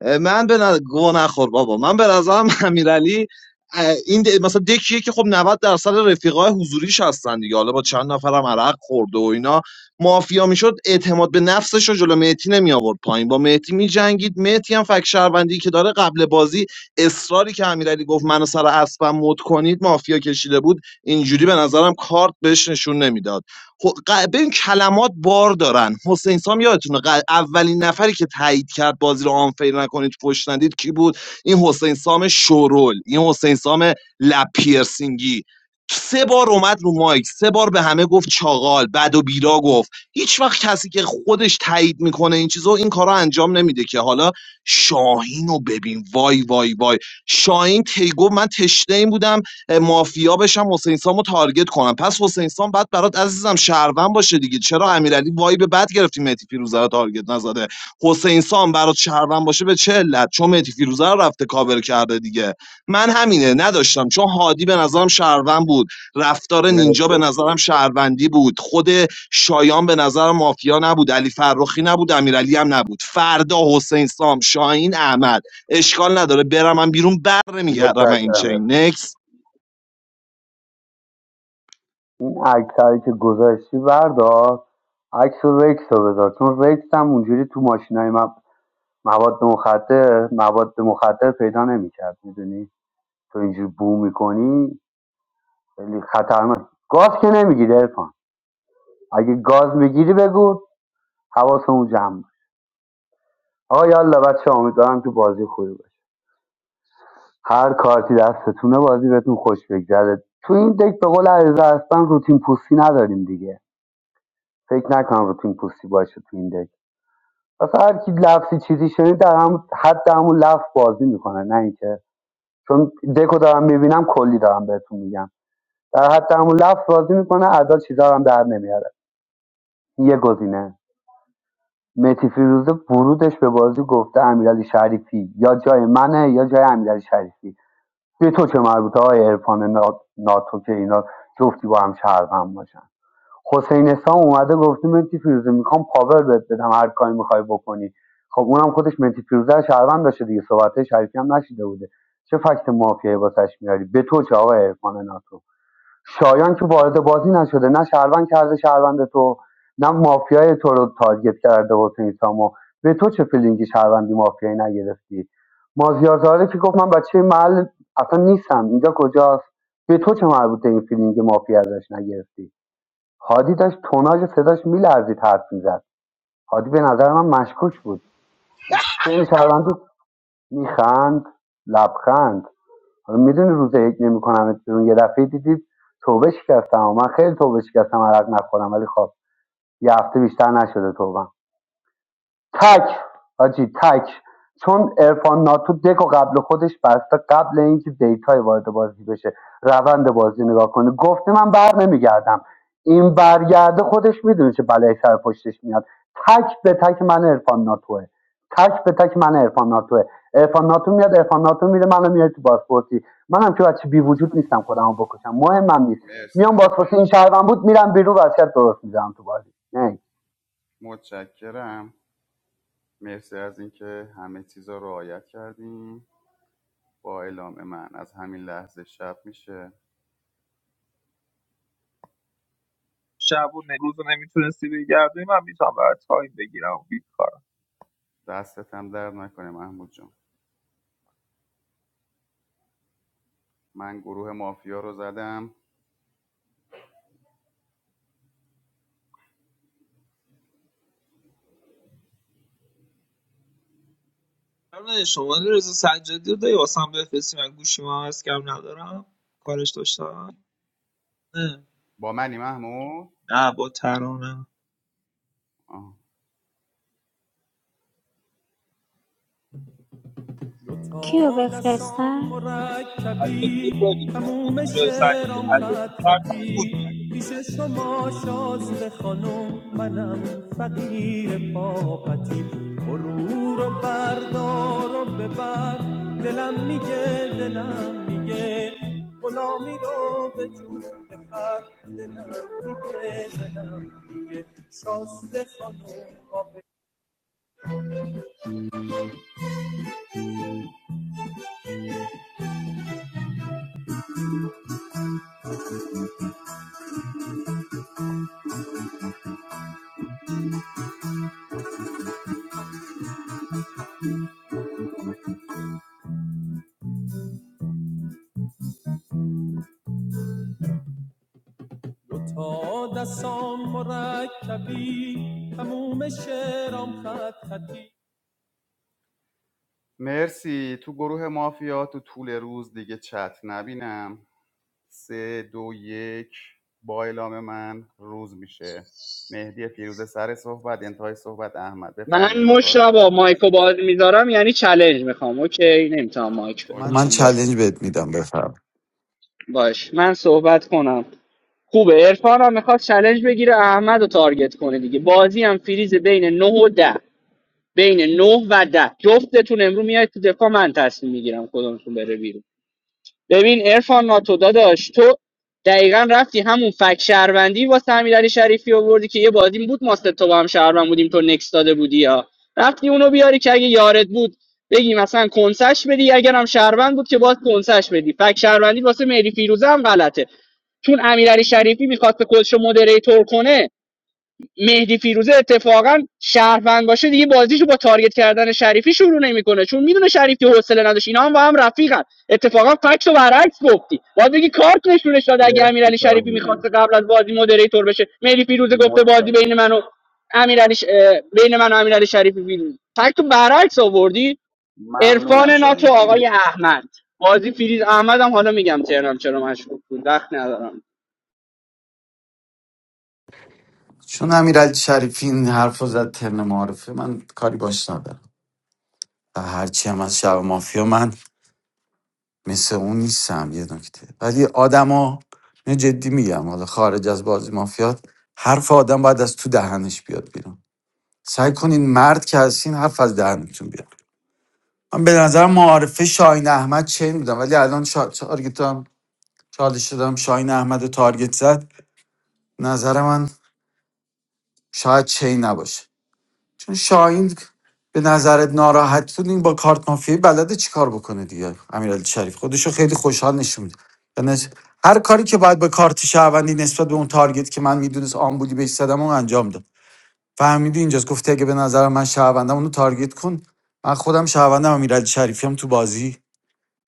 من به نظر گوه نخور بابا من به نظرم امیرعلی اه، این د- مثلا دکیه که خب 90 درصد رفیقای حضوریش هستن دیگه حالا با چند نفرم عرق خورده و اینا مافیا میشد اعتماد به نفسش رو جلو مهدی نمی آورد پایین با مهدی می جنگید مهدی هم فک شهروندی که داره قبل بازی اصراری که امیرعلی گفت منو سر اسبم مد کنید مافیا کشیده بود اینجوری به نظرم کارت بهش نشون نمیداد خب ببین کلمات بار دارن حسین سام یادتونه ق- اولین نفری که تایید کرد بازی رو آنفیر نکنید پشت ندید کی بود این حسین سام شورول این حسین سام لب پیرسینگی سه بار اومد رو مایک سه بار به همه گفت چاغال بد و بیرا گفت هیچ وقت کسی که خودش تایید میکنه این چیزو این کارا انجام نمیده که حالا شاهین رو ببین وای وای وای شاهین تیگو من تشنه این بودم مافیا بشم حسین سامو تارگت کنم پس حسین سام بعد برات عزیزم شهروند باشه دیگه چرا امیرعلی وایب بد گرفتی مهدی فیروزه رو تارگت نزده حسین سام برات شهروند باشه به چه علت چون مهدی فیروزه رو رفته کاور کرده دیگه من همینه نداشتم چون هادی به نظرم شهروند بود رفتار نینجا به مرسی نظرم شهروندی بود خود شایان به نظر مافیا نبود علی فرخی نبود امیرعلی هم نبود فردا حسین سام شاهین احمد اشکال نداره برم من بیرون بر نمیگردم من این متشکرم چین ارفان. نکس این عکسایی که گذاشتی بردار عکس و رکس رو بذار چون رکس هم اونجوری تو ماشینای من مواد مخدر مواد مخدر پیدا نمیکرد میدونی تو اینجور بو میکنی خیلی خطرناک گاز که نمیگیری ارفان اگه گاز میگیری بگو حواسمون جمع باشه آقا یالا بچه امیدوارم که بازی خوبی باشه هر کارتی دستتونه بازی بهتون خوش بگذره تو این دک به قول علیرضا اصلا روتین پوستی نداریم دیگه فکر نکنم روتین پوستی باشه تو این دک پس هر کی لفظی چیزی شنید در هم حد همون لفظ بازی میکنه نه اینکه چون دکو دارم میبینم کلی دارم بهتون میگم در حد همون لفظ بازی میکنه ادا چیزا رو هم در نمیاره این یه گزینه متی فیروزه ورودش به بازی گفته امیرعلی شریفی یا جای منه یا جای امیرعلی شریفی به تو چه مربوطه های عرفان ناتو که اینا جفتی با هم شهروند باشن حسین اسلام اومده گفته متی فیروزه میخوام پاور بهت بدم هر کاری میخوای بکنی خب اونم خودش متی فیروزه رو شهروند داشته دیگه صحبت شریفی هم نشیده بوده چه فکت مافیایی واسش میاری به تو چه آقای عرفان ناتو شایان که وارد بازی نشده نه شهروند کرده شهروند تو نه مافیای تو رو تارگت کرده حسین سامو به تو چه فیلینگی شهروندی مافیایی نگرفتی مازیار زاده که گفت من بچه محل اصلا نیستم اینجا کجاست به تو چه مربوطه این فیلینگ مافیا ازش نگرفتی هادی داشت توناژ صداش میلرزید حرف میزد هادی به نظر من مشکوک بود چه این شهروندی میخند لبخند حالا میدونی روز یک نمیکنم بیرون یه دفعه دیدی توبه شکستم من خیلی توبه شکستم عرق نخورم ولی خب یه هفته بیشتر نشده توبه. تک آجی تک چون ارفان ناتو دک قبل خودش بسته قبل اینکه دیتای وارد بازی بشه روند بازی نگاه کنه گفته من بر نمیگردم این برگرده خودش میدونه چه بلایی سر پشتش میاد تک به تک من ارفان ناتوه تک به تک من ارفان ناتوه ارفان ناتو میاد ارفان ناتو میره منو میاد تو بازپرسی منم که بچه بی وجود نیستم خودمو بکشم مهمم نیست مرسی میام احمد. بازپرسی این شهروند بود میرم بیرون وضعیت درست میذارم تو بازی نه متشکرم مرسی از اینکه همه چیز رو رعایت کردیم با اعلام من از همین لحظه شب میشه شب و روز رو نمیتونستی بگردی من میتونم برای تایم بگیرم دستت هم درد نکنه محمود جان من گروه مافیا رو زدم نه شما شماره رضا سجادی رو داری واسم بفرستی من گوشی ما از کم ندارم کارش داشتم نه با منی محمود نه با ترانه Kyo, تا be fresh. دستام سجادی رو مرکبی داری تو بودی تموم رضا سجادی شعرام ادمی خط کرد خطی بودی پیش شما شازده خانم منم فقیر پاپتی برو رو بردار و ببر دلم میگه دلم میگه غلامی رو به جون بخر دلم میگه دلم میگه شازده خانم دو دستام مرکبی تموم شعرام خط خطی مرسی تو گروه مافیا تو طول روز دیگه چت نبینم سه دو یک با اعلام من روز میشه مهدی فیروزه سر صحبت انتهای صحبت احمد من بفرمایید با تعارف مشتبا چهار. مایکو باز میذارم یعنی چلنج میخوام اوکی نمیتونم مایک خب من بزنم چالش بهت میدم بفرم باش من صحبت کنم خوبه عرفان هم میخواد چلنج بگیره احمد رو تارگت کنه دیگه بازی هم فریز بین 9 و 10 بین 9 و 10 جفتتون امرو میاد تو دفاع من تصمیم میگیرم کدومتون بره بیرون ببین عرفان ناتو داداش تو دقیقا رفتی همون فک شهروندی واسه امیرعلی شریفی آوردی که یه بازی بود ما سه تا با هم شهروند بودیم تو نکس داده بودی ها رفتی اونو بیاری که اگه یارت بود بگی مثلا کنسش بدی اگر هم شهروند بود که باز کنسش بدی فک شهروندی واسه مهدی فیروزه هم غلطه چون امیرعلی شریفی میخواد میخواست خودش رو مدریتور کنه مهدی فیروزه اتفاقا شهروند باشه دیگه بازیشو با تارگت کردن شریفی شروع نمیکنه چون میدونه شریفی حوصله نداشت اینا هم با هم رفیقن اتفاقا فکت و برعکس گفتی باید بگی کارت نشونش داد اگه مرسی امیرعلی شریفی میخواست شاهین قبل از بازی مدریتور بشه مهدی فیروزه گفته بازی بین متشکرم من و امیرعلی ش... بین من و امیرعلی شریفی فیروز فکت و برعکس آوردی عرفان ممنونم ناتو شاهین آقای مرسی احمد بازی فریز احمد هم حالا میگم تهران چرا مشکوک بود وقت ندارم چون امیرعلی شریفی این حرف رو زد ترن معارفه من کاری باش ندارم و هرچی هم از شب مافیا من مثل اون نیستم یه نکته ولی آدما اینو جدی میگم حالا خارج از بازی مافیات حرف آدم باید از تو دهنش بیاد بیرون سعی کنین مرد که هستین حرف از دهنتون بیاد من به نظر معارفه شاهین احمد چین بودم ولی الان شا... تارگتم چالش دادم شاهین احمد رو تارگت زد نظر من شاید چین نباشه چون شاهین به نظرت ناراحت بود این با کارت مافیایی بلده چیکار بکنه دیگه امیرعلی شریف خودشو خیلی خوشحال نشون میده یعنی هر کاری که باید با کارت شهروندی نسبت به اون تارگت که من میدونست آمبولی بهش زدم اون انجام داد فهمیدی اینجاست گفتی اگه به نظر من شهروندم اونو تارگت کن من خودم شهروندم امیرعلی شریفی هم تو بازی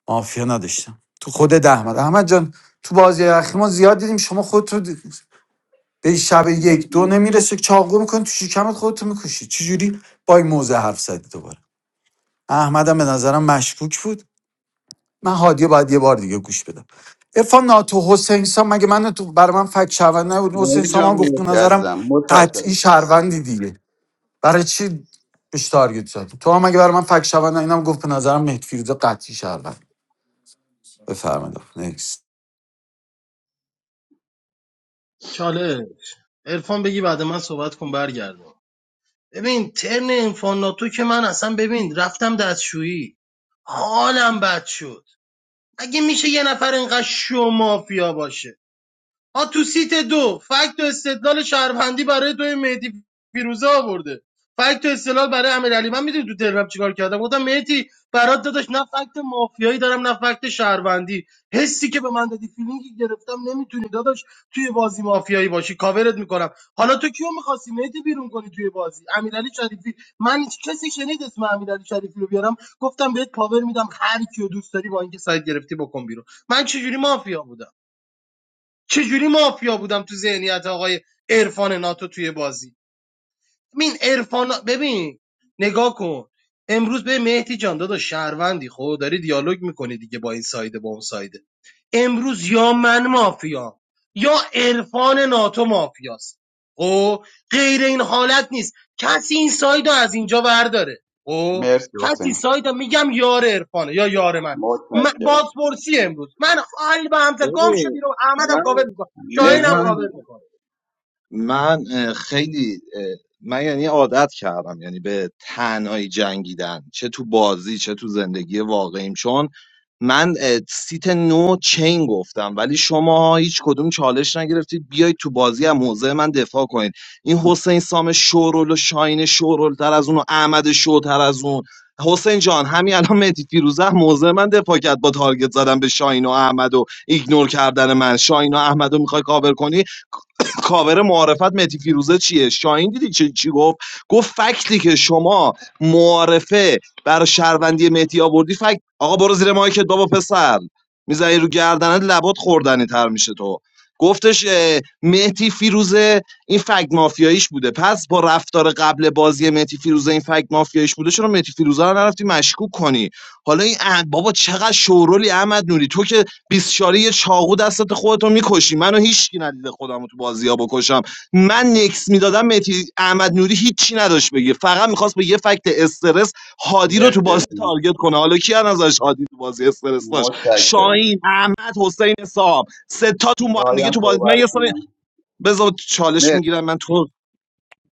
مافیا نداشتم تو خودت احمد احمد جان تو بازی اخیر ما زیاد دیدیم شما خودتو د- به شب مرسی یک دو مرسی. نمیرسه چاقو میکنی تو شکمت خودتو میکشی چجوری با این موزه حرف زدی دوباره احمدم به نظرم مشکوک بود من هادیه باید یه بار دیگه گوش بدم ارفان ناتو حسین سام مگه من تو برای من فک شهروند نبود حسین مهدی سام هم گفت به مرسی نظرم عزیزم قطعی متشکرم شهروندی دیگه برای چی بهش تارگت زدی تو هم اگه برای من فک شوند اینم گفت به نظرم مهدی فیروزه قطعی شهروند بفرمایید نکست چالش عرفان بگی بعد من صحبت کن برگردم ببین ترن انفاناتو که من اصلا ببین رفتم دستشویی حالم بد شد اگه میشه یه نفر اینقدر شو مافیا باشه آ تو سیت دو فکت و استدلال شهروندی برای دوی مهدی فیروزه آورده فکت و استدلال برای امیرعلی من میدونی تو تلگرام چیکار کردم گفتم مهدی برات داداش نه فکت مافیایی دارم نه فکت شهروندی حسی که به من دادی فیلینگی گرفتم نمیتونی داداش توی بازی مافیایی باشی کاورت میکنم حالا تو کیو میخواستی مهدی بیرون کنی توی بازی امیرعلی شریفی من هیچ کسی شنید اسم امیرعلی شریفی رو بیارم گفتم بهت پاور میدم هر کیو دوست داری با اینکه سایت گرفتی بکن بیرون من چجوری مافیا بودم چجوری مافیا بودم تو ذهنیت آقای عرفان ناتو توی بازی ببین ارفان ببین نگاه کن امروز به مهدی جان داداش شهروندی خب داری دیالوگ میکنی دیگه با این سایده با اون سایده امروز یا من مافیا یا عرفان ناتو مافیاست او غیر این حالت نیست کسی این ساید از اینجا برداره او مرسی کسی حسین ساید میگم یار عرفانه یا یار من من- متشکرم بازپرسی امروز من حال به همزه گم شدی ببین رو احمدم من کاور میکنم مرسی شاهینم من حسین کاور جان میکنم من اه، خیلی اه، من یعنی عادت کردم یعنی به تنهایی جنگیدن چه تو بازی چه تو زندگی واقعیم چون من اه، سیت نو چین گفتم ولی شما هیچ کدوم چالش نگرفتید بیایید تو بازی از موضع من دفاع کنید این حسین سام شورول و شاین شورول تر از اون و احمد شوتر از اون حسین جان همین الان مهدی فیروزه هم موضع من دفاع کرد با تارگت زدن به شاین و احمد و ایگنور کردن من شاین و احمد رو میخوای کاور کنی کاور معارفت متی فیروزه چیه شاهین دیدی چی, چی گفت گفت فکتی که شما معارفه بر شهروندی متی آوردی فکت آقا برو زیر مایکت بابا پسر میزنی رو گردنت لبات خوردنی تر میشه تو گفتش اه، مهدی فیروزه این فکت مافیاییش بوده پس با رفتار قبل بازی مهدی فیروزه این فکت مافیاییش بوده چرا مهدی فیروزه رو نرفتی مشکوک کنی حالا این اح- بابا چقدر شورولی احمد نوری تو که بیست شاری یه چاقو دستت خودتو میکشی منو هیچکی ندیده خودمو تو بازی‌ها بکشم من نکس میدادم متی احمد نوری هیچی نداشت بگه فقط میخواست به یه فکت استرس هادی رو تو مرسی بازی ارفان تارگت کنه حالا کی از نظرش هادی تو بازی استرس داشت متشکرم شاهین احمد حسین صاحب ستاتون با هم دیگه شایان تو بازی من صحبت یه سال کنم بذار چالش مرسی میگیرم من تو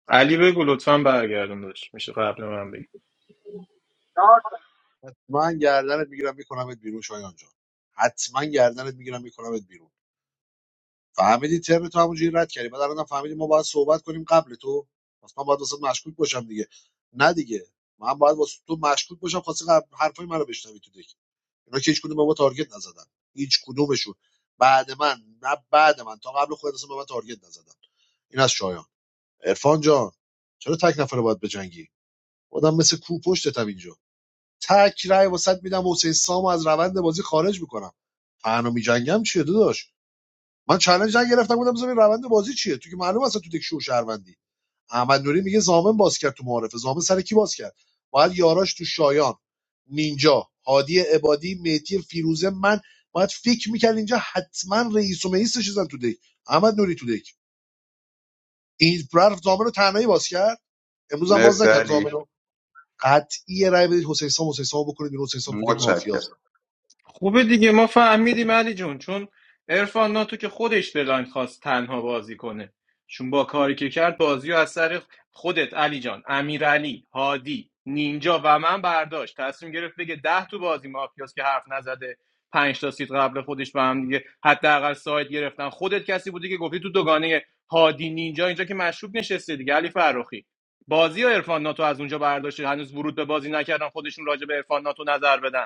علی بگو لطفا برگردون داشت میشه قبل من بگی. من گردنت میگیرم میکنمت بیرون شایان جان حتما گردنت میگیرم میکنمت بیرون فهمیدی ترم تو همونجوری رد کردی بعد الانم فهمیدی ما باید صحبت کنیم قبل تو پس من باید واسه مشکوک باشم دیگه نه دیگه من باید واسه تو مشکوک باشم خواستی قبل حرفای منو بشنوی تو دیگه اینا که هیچ کدوم به ما تارگت نزدن هیچ کدومشون بعد من نه بعد من تا قبل خودت اصلا به من تارگت نزدن این از شایان عرفان جان چرا تک نفره باید بجنگی آدم مثل کو پشتتم اینجا تک رای واسط میدم حسین سامو از روند بازی خارج میکنم تنها میجنگم چیه داداش من چالش نگرفتم بودم بزنین روند بازی چیه تو که معلومه اصلا تو دک شو شهروندی احمد نوری میگه زامن باز کرد تو معارفه زامن سر کی باز کرد باید یاراش تو شایان نینجا هادی عبادی مهدی فیروزه من باید فکر میکرد اینجا حتما رئیس و مئیس چیزن تو دک احمد نوری تو دک این رفت زامن رو تنهایی باز کرد امروز هم باز مرسی نکرد علی زامن رو قطعی رای بدید حسین سام حسین سام بکنید بیرون. حسین سام تو دک مافیاست متشکرم خوبه دیگه ما فهمیدیم علی جون چون ارفان ناتو که خودش بلایند خواست تنها بازی کنه چون با کاری که کرد بازی و از سر خودت علی جان امیرعلی هادی نینجا و من برداشت تصمیم گرفت بگه ده تو بازی مافیاس که حرف نزده پنج تا سیت قبل خودش به هم دیگه حداقل ساید گرفتن خودت کسی بودی که گفتی تو دوگانه هادی نینجا اینجا که مشروب نشسته دیگه علی فرخی بازی و عرفان ناتو از اونجا برداشته هنوز ورود به بازی نکردن خودشون راجع به عرفان ناتو نظر بدن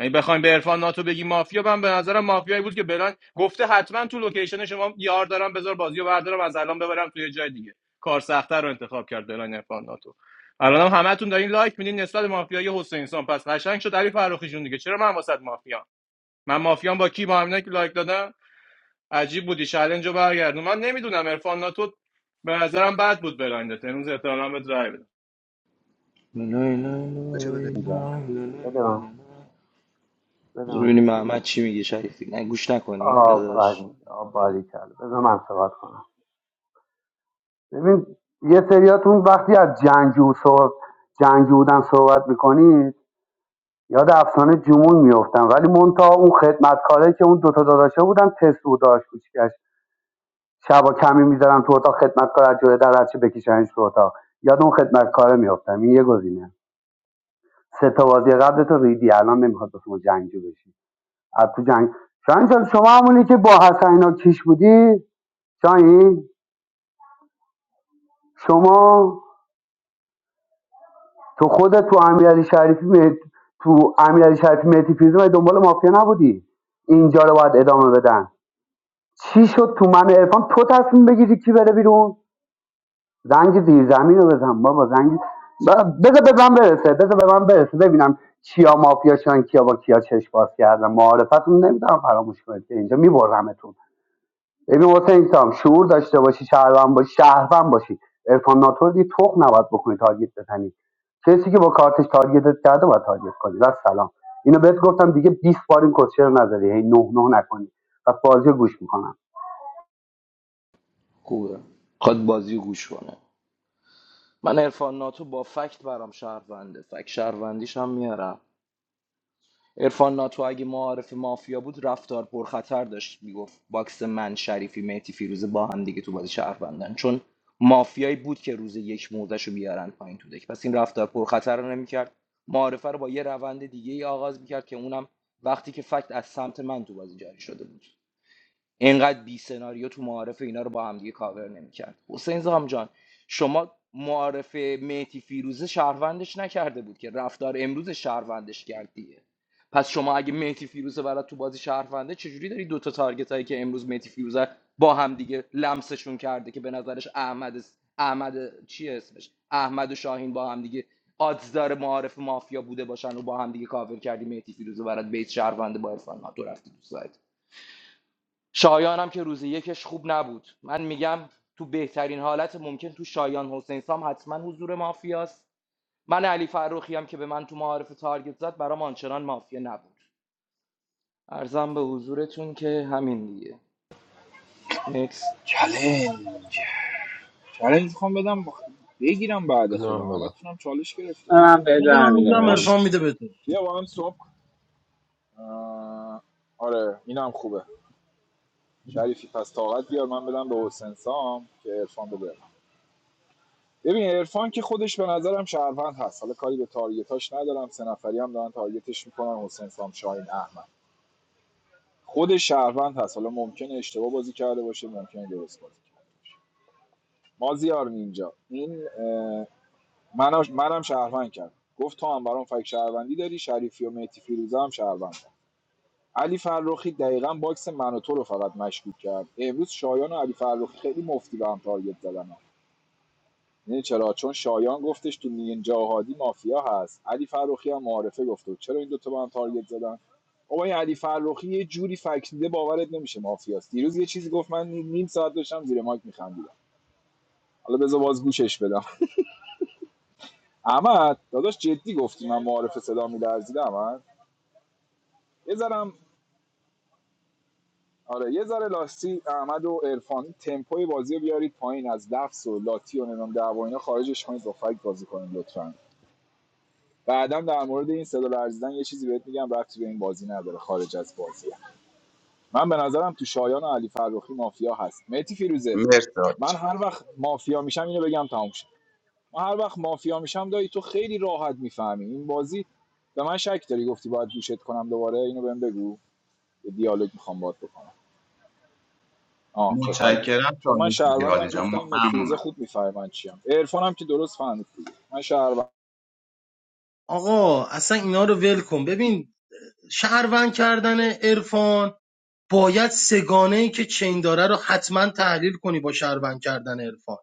یعنی بخوایم به عرفان ناتو بگی مافیا من به نظرم مافیایی بود که بلان گفته حتما تو لوکیشن شما یار دارم بذار بازیو بردارم از الان ببرم توی جای دیگه کار سختتر رو انتخاب کرد بلان عرفان ناتو الان هم همتون دارین لایک میدین نسبت به مافیای حسین سان پس قشنگ شد علی فرخی جون دیگه چرا من واسط مافیا من مافیام با کی با همینایی که لایک دادم عجیب بودی چالنجو برگردون من نمیدونم عرفان ناتو به نظرم بد بود بلندت امروز احتمالاً بهت رای بدم. بچه بده اینجا بده من بده من. ببینیم محمد چی میگه شریفی نه گوش نکنی داداش آفرین آفرین کرد بذار من صحبت کنم ببین یه سریاتون وقتی از جنگجو صحبت جنگجو بودن صحبت میکنید یاد افسانه جمون میفتن ولی منتها اون خدمتکاره که اون دوتا داداشه بودن تست بود داشت کوچیکش شبا کمی میذارن تو اتاق خدمتکار از جلوی در بچه بکشنش تو اتاق یاد اون خدمتکاره میافتم این یه گزینه سه تا بازی قبل تو ریدی الان نمیخواد شما جنگجو بشی از تو جنگ شاهین جان، شما همونی که با حسن اینا کیش بودی شاهین شما تو خودت تو امیرعلی شریفی مه- تو امیرعلی شریفی مهدی فیروزه مگه دنبال مافیا نبودی اینجا رو باید ادامه بدن چی شد تو من عرفان تو تصمیم بگیری کی بره بیرون زنگ زیر زمین رو بزن بابا زنگ بذار به من برسه بذار به من برسه ببینم کیا مافیا شدن کیا با کیا چشم باز کردن معارفتون نمیدونم فراموش کنید که اینجا میبرمتون ببین حسین سام شعور داشته باشی شهروند باشی شهروند باشی عرفان ناتور دیگه تخم نباید بکنی تارگت بزنی کسی که با کارتش تارگتت کرده باید تارگت کنی و سلام اینو بهت گفتم دیگه 20 بار این کسچه رو نذاری هی نه نه نکنی پس بازی رو گوش میکنم خوبه خود بازی گوش کنه من عرفان ناتو با فکت برام شهرونده فکت شهروندیش هم میارم عرفان ناتو اگه معارف مافیا بود رفتار پرخطر داشت میگفت باکس من شریفی مهتی فیروزه با هم دیگه تو بازی شهروندن چون مافیایی بود که روز یک موزش رو بیارن پایین تو دک پس این رفتار پرخطر رو نمیکرد معارفه رو با یه روند دیگه ای آغاز میکرد که اونم وقتی که فکت از سمت من تو بازی جاری شده بود اینقدر بی سناریو تو معارف اینا رو با هم دیگه کاور نمیکرد حسین زام جان شما معارف مهتی فیروزه شهروندش نکرده بود که رفتار امروز شهروندش کرد دیگه پس شما اگه مهتی فیروزه برات تو بازی شهرونده چجوری داری دوتا تارگت هایی که امروز مهتی فیروزه با هم دیگه لمسشون کرده که به نظرش احمد احمد چی اسمش احمد و شاهین با هم دیگه آدز داره معارف مافیا بوده باشن و با هم دیگه کاور کردی مهتی فیروزه برات بیت شهرونده با عرفان ناتو رفتی تو سایت. شایانم که روز یکش خوب نبود من میگم تو بهترین حالت ممکن تو شایان حسین سام حتما حضور مافیاست من علی فروخی هم که به من تو معارف تارگت زد برام آنچنان مافیا نبود ارزم به حضورتون که همین دیگه نکس چلنج چلنج میخوام بدم بخ... بگیرم بعد بده خودم من همه بدم چالش گرفتم. من به بده من میگم برمیگردم باش عرفان میده به بیا با هم صبح آره اینم خوبه شریفی پس طاقت بیار من بدم به حسین سام که عرفان بده ببین عرفان که خودش به نظرم شهروند هست حالا کاری به تارگتاش ندارم سه نفری هم دارن تارگتش میکنن حسین سام شاهین احمد خود شهروند هست حالا ممکنه اشتباه بازی کرده باشه ممکنه درست بازی کرده باشه مازیار نینجا این منم منم شهروند کرد گفت تو هم برام فک شهروندی داری شریفی و مهدی فیروزه هم شهروند علی فرخی دقیقا باکس من و تو رو فقط مشکوک کرد امروز شایان و علی فرخی خیلی مفتی به هم تارگت زدن ها. یعنی چرا چون شایان گفتش تو نینجا هادی مافیا هست علی فرخی هم معارفه گفته چرا این دوتا به هم تارگت زدن بابا این علی فرخی یه جوری فکریده باورت نمیشه مافیاست دیروز یه چیزی گفت من نیم ساعت داشتم زیر مایک میخندیدم حالا بذار باز گوشش بدم احمد داداش جدی گفتی من معارف صدا میلرزیدم من یه ذره آره یه ذره لاستی احمد و عرفان تمپوی بازی رو بیارید پایین از لفظ و لاتی و نمیدونم دعوا اینا خارجش کنید با فکت بازی کنید لطفا بعدم در مورد این صدا لرزیدن یه چیزی بهت میگم ربطی به این بازی نداره خارج از بازیه من به نظرم تو شایان و علی فرخی مافیا هست متی فیروزه مرسی حاج من جان هر وقت مافیا میشم اینو بگم تموم شد من هر وقت مافیا میشم دایی تو خیلی راحت میفهمی این بازی به من شک داری گفتی باید گوشت کنم دوباره اینو بهم بگو دیالوگ میخوام باهات بکنم آه خب حله متشکرم چون من چالش بگیر شهروندم حاج جان گفتم این متفیروزه ممنونم خوب میفهمه من چیم عرفانم که درست فهمید دیگه من شهروند آقا اصلا اینا رو ول کن ببین شهروند کردن عرفان باید سگانه که چین داره رو حتما تحلیل کنی با شهروند کردن عرفان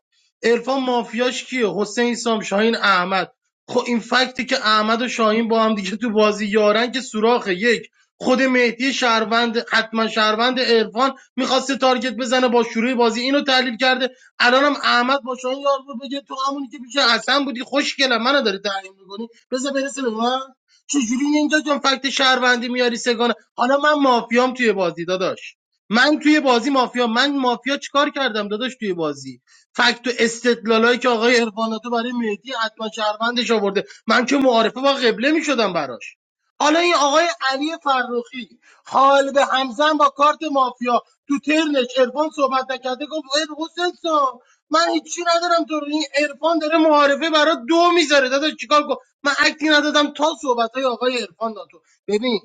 عرفان مافیاش کیه حسین سام شاهین احمد خب این فکتی که احمد و شاهین با هم دیگه تو بازی یارن که سوراخ یک خود مهدی شهروند حتما شهروند عرفان میخواسته تارگت بزنه با شروع بازی اینو تحلیل کرده الانم احمد با شاهین یار رو بگه تو همونی که پیش حسن بودی خوشگلم منو داری تحلیل میکنی بذار برسه به من چجوری اینجا جان فکت شهروندی میاری سگانه حالا من مافیام توی بازی داداش من توی بازی مافیا من مافیا چیکار کردم داداش توی بازی فکت و استدلالایی که آقای عرفاناتو برای مهدی حتما شهروندش آورده من که معارفه با قبله میشدم براش حالا این آقای علی فرخی حال به همزن با کارت مافیا تو ترنش عرفان صحبت نکرده گفت ای حسین صاحب من هیچی ندارم تو رو این عرفان داره معارفه برای دو میذاره داداش چیکار کنم؟ من اکتی ندادم تا صحبت های آقای عرفان ناتو ببین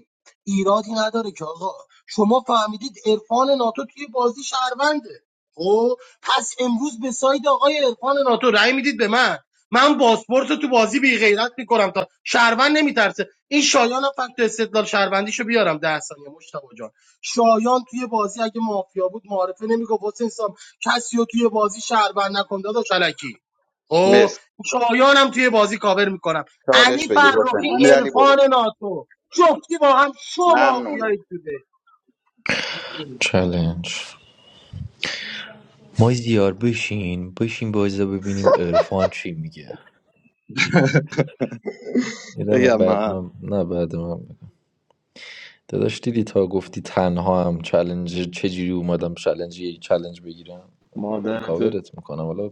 ایرادی نداره که آقا شما فهمیدید عرفان ناتو توی بازی شهرونده خب پس امروز به ساید آقای عرفان ناتو رأی میدید به من من پاسپورت رو تو بازی بی غیرت میکنم تا شهروند نمیترسه این شایان هم فکت استدلال شهروندیشو بیارم ده ثانیه مشتاق جان شایان توی بازی اگه مافیا بود معارفه نمیگفت حسین کسی رو توی بازی شهروند نکن داداش الکی خب مرسی شایانم توی بازی کاور میکنم چالش علی بگیر حسین فرخی امیرعلی برو عرفان ناتو جفتی با هم شو ممنونم مافیایی توده چلنج این بازی رو ببینیم عرفان چی میگه میدم بگم بعد من نه بعد من داداش دیدی تا گفتی تنها هم چلنج چجوری اومدم چلنج یه چلنج بگیرم مادرت کاورت میکنم حالا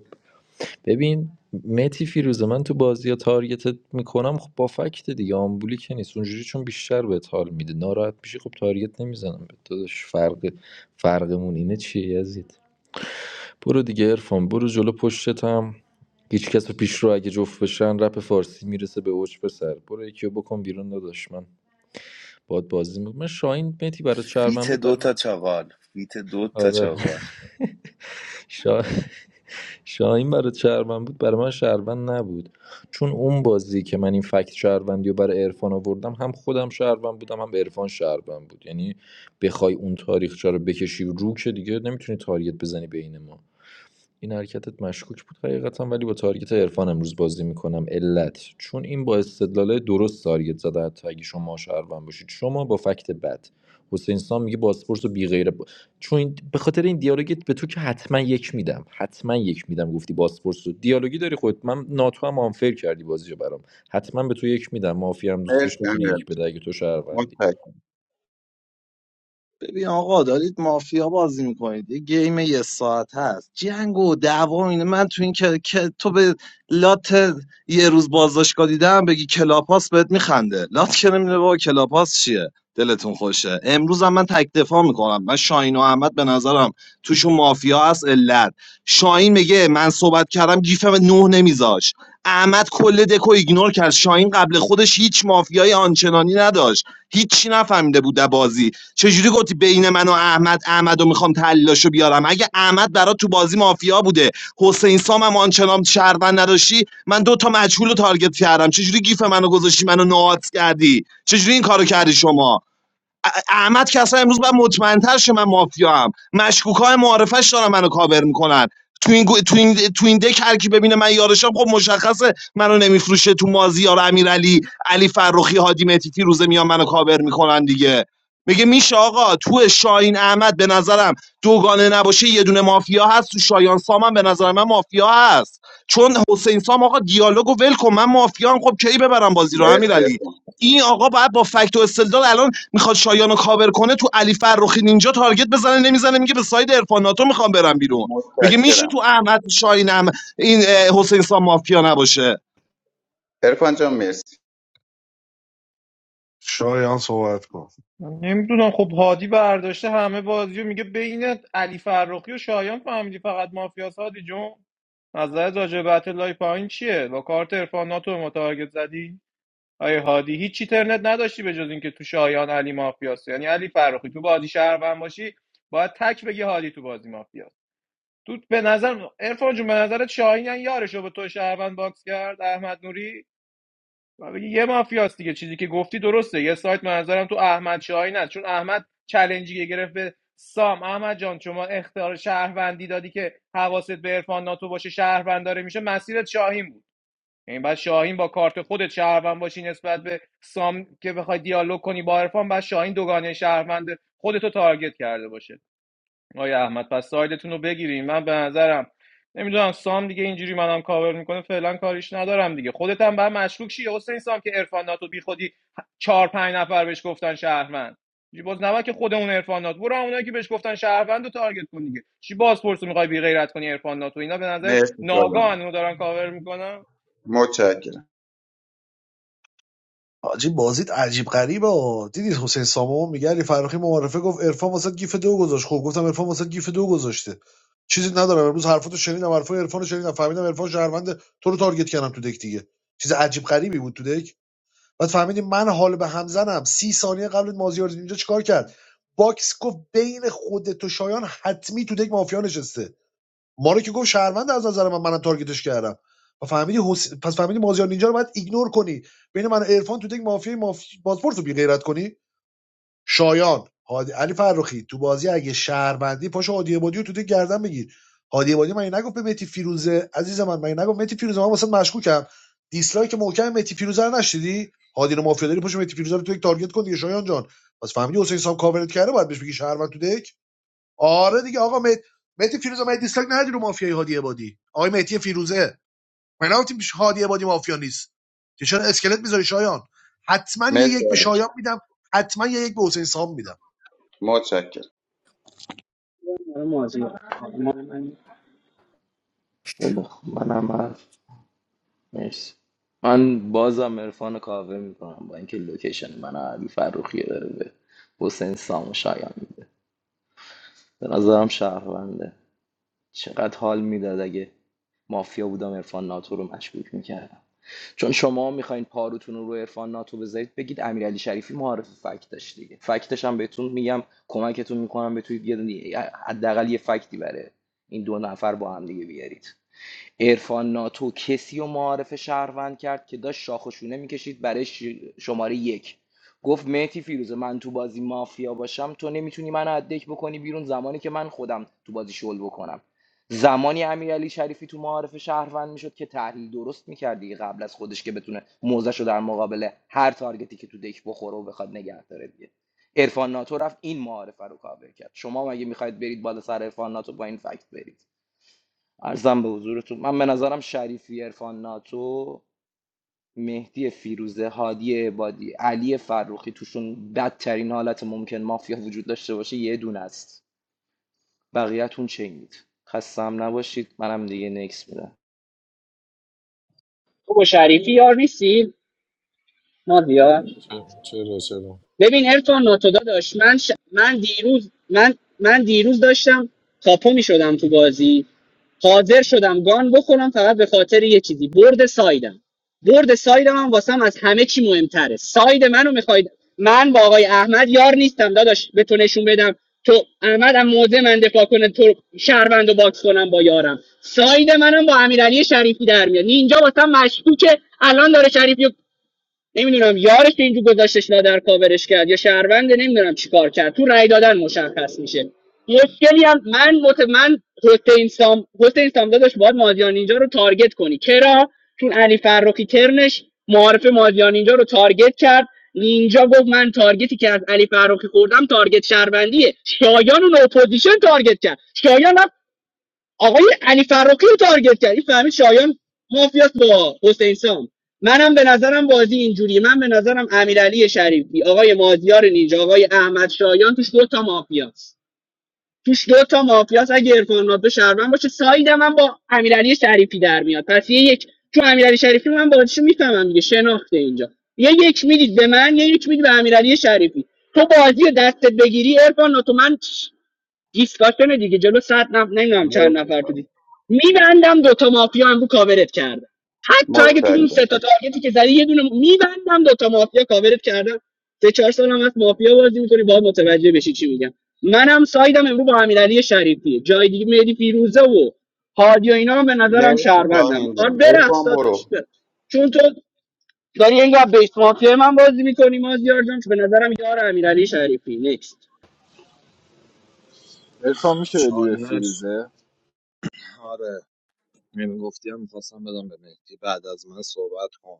ببین متی فیروزه من تو بازی یا تارگتت میکنم خب با فکت دیگه آمبولی که نیست اونجوری چون بیشتر بهت حال میده ناراحت میشی خب تارگت نمیزنم به داداش فرق فرقمون اینه چیه یزید برو دیگه ارفان برو جلو پشتتم هیچ کس پیش رو اگه جفت بشن رپ فارسی میرسه به اوج پسر برو یکی رو بکن بیرون داداش من باد بازی میکنم من شاهین متی برای چرون فیت بود برای دو من تا چاقال فیت دو تا آره چاقال شا... شاهین برای شهروند بود برای من شهروند نبود چون اون بازی که من این فکت شهروندی رو برای عرفان آوردم هم خودم شهروند بودم هم عرفان شهروند بود یعنی بخوای اون تاریخچه رو بکشی رو که دیگه نمیتونی تاریت بزنی بین ما این حرکتت مشکوک بود حقیقتا ولی با تارگت عرفان امروز بازی میکنم علت چون این با استدلال درست تارگت زده حتی اگه شما شهروند باشید شما با فکت بد حسین سام میگه باسپورس و بی غیره ب... چون این- به خاطر این دیالوگت به تو که حتما یک میدم حتما یک میدم گفتی باسپورس و دیالوگی داری خودت. من ناتو هم آنفر کردی بازی رو برام حتما به تو یک میدم مافیا هم دوستش مرسی میتونی یک امیرعلی جان. بده اگه تو شهروندی متشکرم ببین آقا دارید مافیا بازی میکنید یه گیم یه ساعت هست جنگ و دعوا و اینه من تو این که, که تو به لات یه روز بازداشتگاه دیدم بگی کلاپاس بهت میخنده لات که نمیده بابا کلاپاس چیه دلتون خوشه امروز هم من تک دفاع میکنم من شاهین و احمد به نظرم توشون مافیا هست علت شاهین میگه من صحبت کردم گیفم نه نمیذاش احمد کل دکو ایگنور کرد شاهین قبل خودش هیچ مافیای آنچنانی نداشت هیچی نفهمیده بود در بازی چجوری گفتی بین من و احمد احمدو میخوام تحلیلاشو بیارم اگه احمد برات تو بازی مافیا بوده حسین سام هم آنچنان شهروند نداشتی من دو تا مجهول رو تارگت کردم چجوری گیف منو گذاشتی منو نوات کردی چجوری این کارو کردی شما ا- احمد که اصلا امروز باید مطمئنتر شه من مافیا هم مشکوکای معارفش دارن منو کاور میکنن تو این گو- تو این تو این دک هر کی ببینه من یارشم خب مشخصه منو نمیفروشه تو مازیار امیرعلی علی فرخی هادی متیتی روزه میان منو کاور میکنن دیگه میگه میشه آقا تو شاین احمد به نظرم دوگانه نباشه یه دونه مافیا هست تو شایان سام هم به نظر من مافیا هست چون حسین سام آقا دیالوگو ول کن من مافیا هم خب کی ببرم بازی رو مرسی امیرعلی ارفان این آقا باید با فکت و استدلال الان میخواد شایان رو کاور کنه تو علی فرخی نینجا تارگت بزنه نمیزنه میگه به ساید عرفان ناتو میخوام برم بیرون میگه میشه متشکرم تو احمد شاینم این حسین سام مافیا نباشه ارفان جان مرسی شایان صحبت کن نمیدونم خب هادی برداشته همه بازیو میگه بین علی فرخی و شایان فهمیدی فقط مافیاس هادی جون نظرت راجع به اتلای پایین چیه با کارت عرفان ناتو به ما تارگت زدی آیه هادی هیچ چی ترنت نداشتی به جز اینکه تو شایان علی مافیاس یعنی علی فرخی تو بازی شهروند باشی باید تک بگی هادی تو بازی مافیاس تو به نظر عرفان جون به نظرت شاهین یعنی یارشو به تو شهروند باکس کرد احمد نوری یه مافیاست دیگه چیزی که گفتی درسته یه سایت منظرم تو احمد شاهین است چون احمد چلنجی گرفت به سام احمد جان شما اختیار شهروندی دادی که حواست به عرفان ناتو باشه شهروند داره میشه مسیرت شاهین بود این بعد شاهین با کارت خودت شهروند باشی نسبت به سام که بخوای دیالوگ کنی با عرفان بعد شاهین دوگانه شهروند خودتو تارگت کرده باشه آقای احمد پس سایدتون رو بگیریم من به نظرم نمیدونم سام دیگه اینجوری منم کاور میکنه فعلا کاریش ندارم دیگه خودت هم باید مشکوک شی حسین سام که عرفان ناتو بی خودی چهار پنج نفر بهش گفتن شهروند چی باز نباید که خودمون عرفان ناتو برو اونایی که بهش گفتن شهروند رو تارگت کن دیگه چی باز پرسو میخوای بی غیرت کنی عرفان ناتو اینا به نظرت مرسی شایان ناگهان اونو دارن کاور میکنن متشکرم حاجی بازیت عجیب غریبه ها دیدید حسین سامو میگه علی فرخی معارفه گفت عرفان واسه گیف دو گذاشت خب گفتم عرفان واسه گیف دو گذاشته چیزی ندارم امروز حرفاتو شنیدم حرفای عرفانو شنیدم فهمیدم عرفان شهروند تو رو تارگت کردم تو دک دیگه چیز عجیب غریبی بود تو دک بعد فهمیدیم من حال به هم زنم سی ثانیه قبل مازیار اینجا چیکار کرد باکس گفت بین خودت و شایان حتمی تو دک مافیا نشسته ما رو که گفت شهروند از نظر من منم تارگتش کردم و فهمیدی حس... پس فهمیدی مازیار نینجا رو باید ایگنور کنی بین من و عرفان تو تک مافیا مافی... پاسپورت رو بی غیرت کنی شایان هادی علی فرخی تو بازی اگه شهروندی پاشو هادی عبادی رو تو تک گردن بگیر هادی عبادی من نگفت به متی فیروزه عزیز من من نگفت متی فیروزه من واسه مشکوکم دیسلایک محکم متی فیروزه رو نشدی هادی رو مافیا داری پاشو متی فیروزه رو تو یک تارگت کن دیگه شایان جان پس فهمیدی حسین سام کاورت کرده باید بهش بگی شهروند تو دک آره دیگه آقا مهدی مهدی فیروزه من دیسلاک ندی رو مافیای هادی عبادی آقای مهدی فیروزه من گفتم هادی عبادی مافیا نیست که چرا اسکلت میذاری شایان حتما یه مرسی یک به علی شایان میدم حتما یه یک به حسین سام میدم متشکرم مازیار آرمان من. خیلی خوب. منم هست مرسی من بازم عرفان کاوه میکنم با اینکه لوکیشن من علی فروخی داره به حسین سام و شایان میده به نظرم شهرونده چقدر حال میداد اگه مافیا بودم عرفان ناتو رو مشکوک میکردم چون شما میخواین پاروتون رو رو عرفان ناتو بذارید بگید امیرعلی شریفی معارف فکتش دیگه فکتش هم بهتون میگم کمکتون میکنم بتونید یه دونه- حداقل یه فکتی بره این دو نفر با هم دیگه بیارید عرفان ناتو کسی و معارف شهروند کرد که داشت شاخ و شونه میکشید برای ش- شماره یک گفت مهتی فیروزه من تو بازی مافیا باشم تو نمیتونی من ادک بکنی بیرون زمانی که من خودم تو بازی شل بکنم زمانی امیرعلی شریفی تو معارف شهروند میشد که تحلیل درست میکرد دیگه قبل از خودش که بتونه موزش رو در مقابل هر تارگتی که تو دک بخوره و بخواد نگه داره دیگه عرفان ناتو رفت این معارفه رو کاور کرد شما مگه میخواید برید بالا سر عرفان ناتو با این فکت برید ارزم به حضورتون من به نظرم شریفی عرفان ناتو مهدی فیروزه هادی عبادی علی فروخی توشون بدترین حالت ممکن مافیا وجود داشته باشه یه دونه است بقیه‌تون چینید خستم نباشید منم دیگه نکس میدم تو با شریفی یار نیستی مازیار چرا چرا ببین ارفان ناتودا داشت من ش... من دیروز من من دیروز داشتم کاپو می شدم تو بازی حاضر شدم گان بخورم فقط به خاطر یه چیزی برد سایدم برد سایدم هم واسم از همه چی مهمتره ساید منو میخواید من با آقای احمد یار نیستم داداش به تو نشون بدم تو احمد هم موضع من دفاع کنه تو شهروند و باکس کنم با یارم ساید منم با امیرعلی شریفی در میاد اینجا واسم مشکوکه الان داره شریفی رو نمیدونم یارش که اینجور گذاشتش لادر کاورش کرد یا شهرونده نمیدونم چیکار کرد تو رأی دادن مشخص میشه یه اسکلی هم من مت من حسین سام حسین سام داداش باید مازیار نینجا رو تارگت کنی کرا چون علی فرخی ترنش معارف مازیار نینجا رو تارگت کرد نینجا گفت من تارگتی که از علی فرخی خوردم تارگت شهروندیه شایان اون اپوزیشن تارگت کرد شایان آقای علی فراقی رو تارگت کرد این فهمید شایان مافیاس با حسین سام منم به نظرم بازی اینجوریه من به نظرم امیرعلی شریفی آقای مازیار نینجا آقای احمد شایان توش دو تا مافیاست توش دو تا مافیاست اگه عرفان ناتو شهروند باشه سایدم من با امیرعلی شریفی در میاد پس یه یک چون امیرعلی شریفی من بازیشو میفهمم دیگه شناخته اینجا یه یک میدید به من یه یک میدید به امیرعلی شریفی تو بازی رو دستت بگیری عرفان ناتو من دیسکاشن دیگه جلو صد نفر نمیدونم چند مرسی نفر تو دیس شایان میبندم دوتا مافیا هم رو کاورت کردم حتی اگه تو اون سه متشکرم تا تارگتی که زدی یه دونه میبندم دوتا مافیا کاورت کردم سه چهار سال هم از مافیا بازی میکنی باید متوجه بشی چی میگم منم سایدم امروز با امیرعلی شریفیه جای دیگه مهدی فیروزه و هادی و اینا هم به نظرم مرسی شهروندم شاهین آن جان برقص ارفان داداش برو برقص. چون تو داری انگار بیس مافیا من بازی میکنی مازیار جان که به نظرم یار امیرعلی شریفی نیست عرفان میشه بدی به چالش فیروزه آره نمیگفتی هم میخواستم بدم به مهدی بعد از من صحبت کن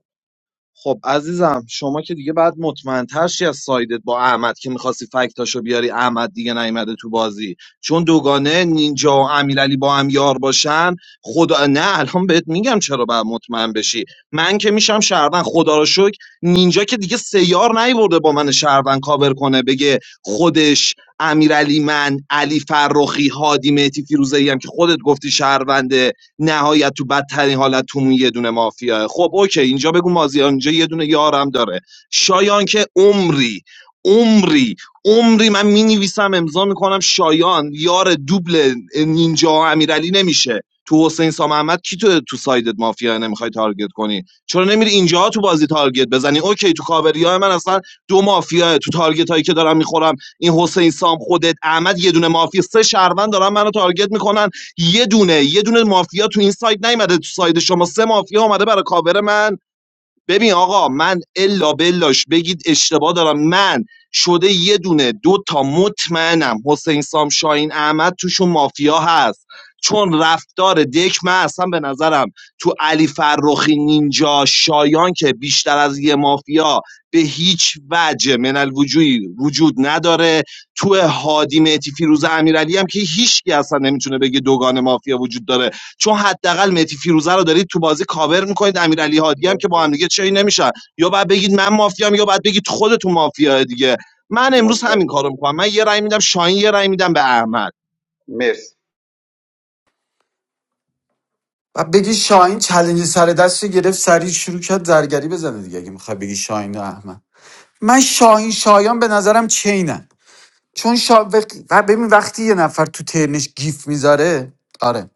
خب عزیزم شما که دیگه بعد مطمئنتر شی از سایدت با احمد که میخواستی فکتاشو بیاری احمد دیگه نیومده تو بازی چون دوگانه نینجا و امیرعلی با هم یار باشن خدا نه الان بهت میگم چرا باید مطمئن بشی من که میشم شهروند خدا رو شکر نینجا که دیگه سیار نیورده با من شهروند کاور کنه بگه خودش امیرعلی من علی فرخی هادی مهدی فیروزه هم که خودت گفتی شهرونده نهایت تو بدترین حالت تومون یه دونه مافیاه خب اوکی اینجا بگو مازیار اینجا یه دونه یارم داره شایان که عمری عمری عمری من می امضا میکنم شایان یار دوبل نینجا و امیرعلی نمیشه تو حسین سام احمد کی تو تو سایدت مافیا نمیخوای تارگت کنی چرا نمیری اینجا تو بازی تارگت بزنی اوکی تو کاوری من اصلا دو مافیا تو تارگت هایی که دارم میخورم این حسین سام خودت احمد یه دونه مافیا سه شهروند دارن منو تارگت میکنن یه دونه یه دونه مافیا تو این سایت نیومده تو سایت شما سه مافیا اومده برای کاور من ببین آقا من الا بلاش بگید اشتباه دارم من شده یه دونه دو تا مطمئنم حسین سام شاهین احمد توشون مافیا هست چون رفتار دک من اصلا به نظرم تو علی فرخی نینجا شایان که بیشتر از یه مافیا به هیچ وجه من الوجوی وجود نداره تو هادی مهدی فیروز امیرعلی هم که هیچ کی اصلا نمیتونه بگه دوگان مافیا وجود داره چون حداقل متی فیروزه رو دارید تو بازی کاور میکنید امیرعلی هادی هم که با مرسی هم دیگه چی نمیشن یا بعد بگید من مافیام یا بعد بگید خودتون مافیا دیگه من امروز همین کارو متشکرم میکنم من یه رأی میدم شاهین یه رأی میدم به احمد مرسی و بگی شاهین چلنج سر دست گرفت سریع شروع کرد زرگری بزنه دیگه اگه میخوای بگی شاهین و احمد من شاهین شایان به نظرم چینن چون شا... وق- و ببین وقتی یه نفر تو ترنش گیف میذاره آره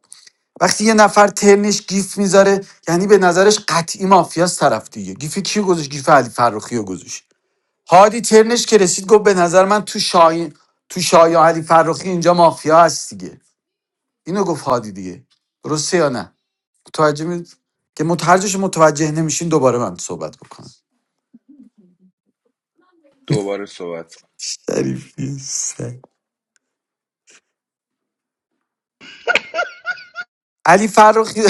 وقتی یه نفر ترنش گیف میذاره یعنی به نظرش قطعی مافیاس طرف دیگه گیف کیو گذاشت گیف علی فرخی رو گذاشت هادی ترنش که رسید گفت به نظر من تو شاهین تو شایان علی فرخی اینجا مافیا هست دیگه اینو گفت هادی دیگه درسته یا نه متوجه می که متوجهش متوجه نمیشین دوباره من صحبت بکنم دوباره صحبت کن شریفی سگ علی فرخی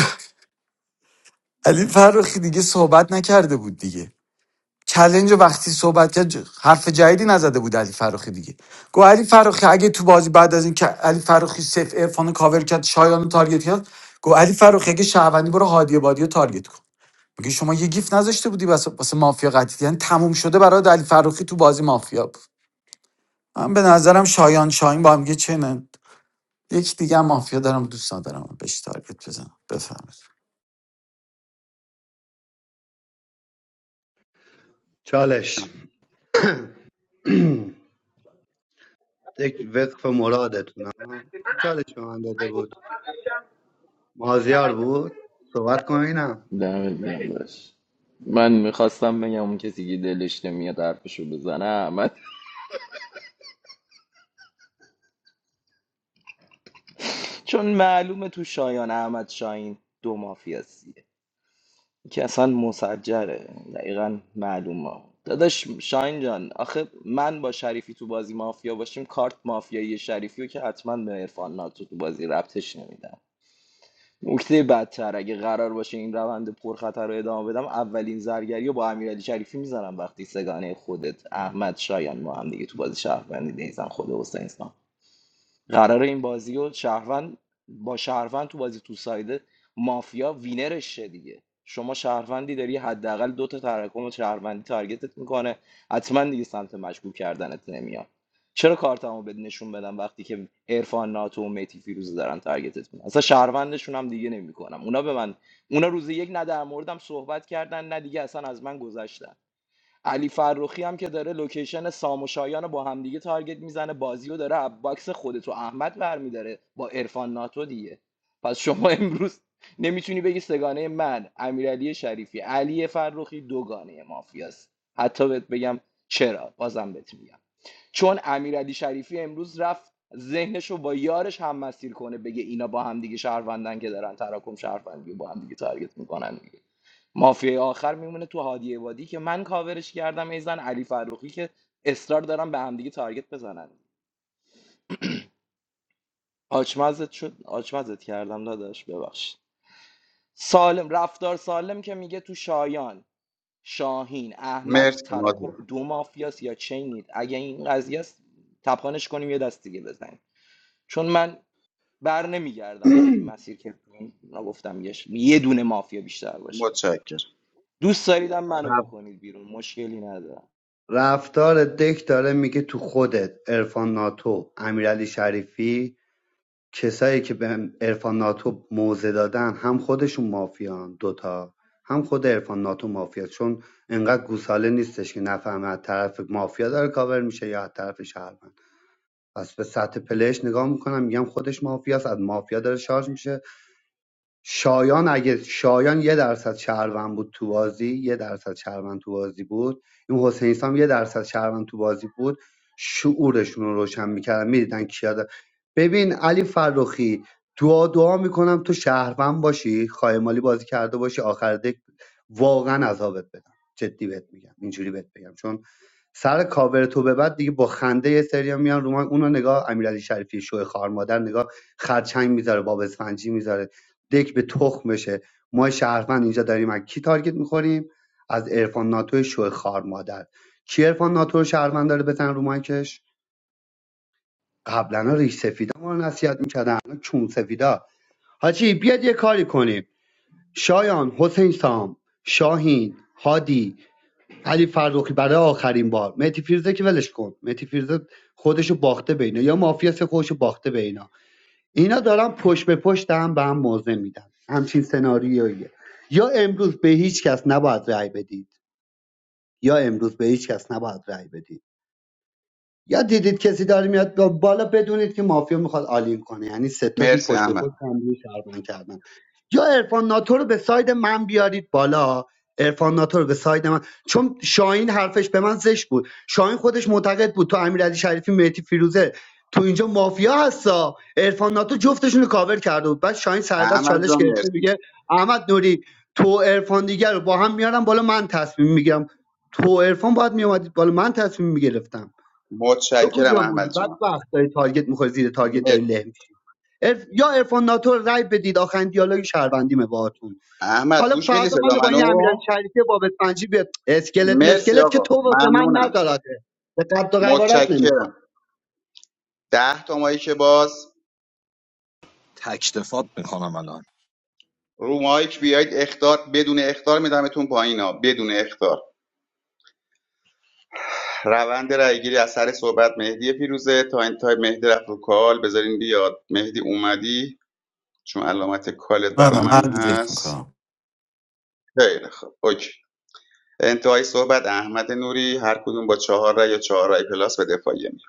علی فرخی دیگه صحبت نکرده بود دیگه چلنج رو وقتی صحبت کرد ج- حرف جدیدی نزده بود علی فراخی دیگه گو علی فراخی اگه تو بازی بعد از این که علی فراخی سف عرفان رو کاور کرد شایان رو تارگت کرد گو علی فراخی اگه شهروندی برو هادی بادی رو تارگت کن میگه شما یه گیف نذاشته بودی واسه واسه مافیا قطعی یعنی تموم شده برای علی فروخی تو بازی مافیا بود من به نظرم شایان شاهین با هم دیگه چنن یک دیگه مافیا دارم دوستان دارم بهش تارگت بزنم بفهمید چالش یک وقف مرادتون ها. کی چالش به من داده بود مازیار بود صحبت کن اینم دمت گرم داشت من میخواستم بگم اون کسی که دلش نمیاد حرفشو بزنه احمد چون معلومه تو شایان احمد شاهین دو مافیاست که اصلا مسجره دقیقا معلومه داداش شاین جان آخه من با شریفی تو بازی مافیا باشیم کارت مافیایی شریفی رو که حتما به عرفان ناتو تو بازی ربطش نمیدم نکته بدتر اگه قرار باشه این روند پرخطر رو ادامه بدم اولین زرگری رو با امیرعلی شریفی میزنم وقتی سگانه خودت احمد شایان ما هم دیگه تو بازی شهروندی نیزن خود حسین سام. قرار این بازی رو شهروند با شهروند تو بازی تو سایده مافیا وینرش شه دیگه شما شهروندی داری حداقل دو تا تراکم شهروندی تارگتت میکنه حتما دیگه سمت مشکوک کردنت نمیاد چرا کارتمو بد نشون بدم وقتی که عرفان ناتو و میتی فیروزه دارن تارگتت میکنن اصلا شهروندشون هم دیگه نمیکنم اونا به من اونا روز یک نه در موردم صحبت کردن نه دیگه اصلا از من گذشتن علی فرخی هم که داره لوکیشن سام و شایان رو با همدیگه تارگت میزنه بازی رو داره از باکس خودتو احمد برمیداره با عرفان ناتو دیگه پس شما امروز نمیتونی بگی سگانه من امیرعلی شریفی علی فرخی دوگانه مافیاست حتی بهت بگم چرا بازم بهت میگم چون امیرعلی شریفی امروز رفت ذهنش رو با یارش هم مسیر کنه بگه اینا با همدیگه شهروندن که دارن تراکم شهروندی رو با همدیگه تارگت میکنن مافیای آخر میمونه تو هادی عبادی که من کاورش کردم ایزن علی فروخی که اصرار دارم به همدیگه تارگت بزنن آچمزت شد آچمزت کردم داداش ببخشید سالم رفتار سالم که میگه تو شایان شاهین احمد مرسی نازی تراکم دو مافیاست یا چینید اگه این قضیه است تپانش کنیم یه دست دیگه بزنیم چون من بر نمیگردم از این مسیر که گفتم یه ش- یه دونه مافیا بیشتر باشه متشکرم دوست داریدم منو بکنید بیرون مشکلی ندارم رفتار دک داره میگه تو خودت ارفان ناتو امیرعلی شریفی کسایی که به عرفان ناتو موضع دادن هم خودشون مافیان دوتا هم خود عرفان ناتو مافیا چون انقدر گوساله نیستش که نفهمه از طرف مافیا داره کاور میشه یا از طرف شهروند پس به سطح پلش نگاه میکنم میگم خودش مافیاست از مافیا داره شارژ میشه شایان اگه شایان یه درصد شهروند بود تو بازی یه درصد شهروند تو بازی بود این حسین سام یه درصد شهروند تو بازی بود شعورشون رو روشن میکردن میدیدن کیا ببین علی فرخی دعا دعا میکنم تو شهروند باشی خایمالی بازی کرده باشی آخر دک واقعا عذابت بدم جدی بهت میگم اینجوری بهت بگم چون سر کاور تو به بعد دیگه با خنده یه سریا میان رو من. اونو نگاه امیرعلی شریفی شوی خار مادر نگاه خرچنگ میذاره باب اسفنجی میذاره دک به تخم بشه ما شهروند اینجا داریم از کی تارگت میخوریم از عرفان ناتو شوی خار مادر کی عرفان ناتو رو شهروند داره بزن رو مایکش قبلا ریش سفیدا ما رو نصیحت می‌کرد، چون سفیدا حاجی بیاد یه کاری کنیم شایان حسین سام شاهین هادی علی فرخی برای آخرین بار مهدی فیروزه که ولش کن مهدی فیروزه خودشو باخته به اینا یا مافیا خودشو باخته به اینا اینا دارن پشت به پشت هم به هم موضع میدن همچین سناریویه یا امروز به هیچ کس نباید رأی بدید یا امروز به هیچ کس نباید رأی بدید یا دیدید کسی داره میاد با- بالا بدونید که مافیا میخواد آلین کنه یعنی ستاشون مرسی پشت به پشت احمد هم دیگه شهروند کردن یا عرفان ناتو رو به ساید من بیارید بالا عرفان ناتو رو به ساید من چون شاهین حرفش به من زشت بود شاهین خودش معتقد بود تو امیرعلی شریفی مهدی فیروزه تو اینجا مافیا هستا عرفان ناتو جفتشون رو کاور کرده بود بعد شاهین سردست احمد چالش جان گرفته مرسی میگه احمد نوری تو عرفان دیگر رو با هم میارم بالا من تصمیم میگیرم تو عرفان باید میومدید بالا من تصمیم میگرفتم تو متشکرم کجا بودی احمد بعد جان وقت داری تارگت میخوری زیر تارگت مرسی داری له میشی عرف... یا عرفان ناتو رو رای بدید آخرین دیالوگ شهروندیمه باهاتون احمد حالا گوش میدی فردا من صدا با منو این امیرعلی شریفی بابت پنجی به اسکلت مرسی مسکلت که آقا تو واسه من ممنونم نداراته به قد و قوارت نمیخواد متشکرم ده تا مایک باز تکتفات میکنم الان رو مایک بیاید اختار بدون اختار میدمتون پایینا بدون اختار روند رایگیری از سر صحبت مهدی فیروزه تا انتهای مهدی رفت رو کال بذارین بیاد مهدی اومدی چون علامت کالت نه برا نه من من دیجیت هست میکنم خیلی خب اوکی انتهای صحبت احمد نوری هر کدوم با چهار رای یا چهار رای پلاس به دفاعیه می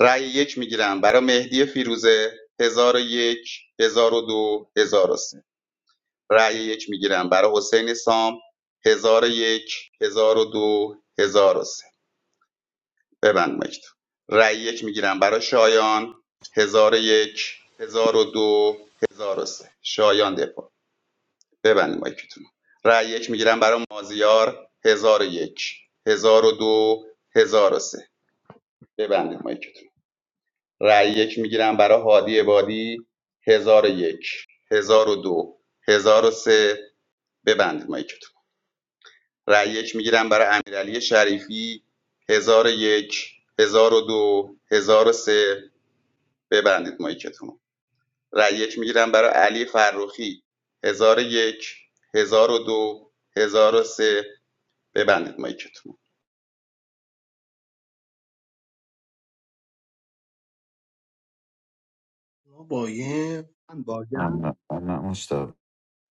رأی یک میگیرم برای مهدی فیروزه هزار و یک هزار و دو هزار و سه رأی یک میگیرم برای حسین سام هزار و یک هزار و دو هزار و سه ببند مکتوب رای یک میگیرم برای شایان هزار و یک هزار و دو هزار و سه شایان دفاع ببندید مایکتون رو. رأی یک میگیرم برای مازیار هزار و یک هزار و دو هزار و سه ببندید مایکتون رو. رأی یک میگیرم برای هادی عبادی هزار و یک هزار و دو هزار و سه ببندید مایکتون رو. رأی یک میگیرم برای امیرعلی شریفی هزار و یک هزار و دو هزار و سه ببندید مایکتون رو. رأی یک میگیرم برای علی فرخی هزار و یک هزار و دو هزار و سه ببندید مایکتون بابایه من نه باگم نه نه مشتاق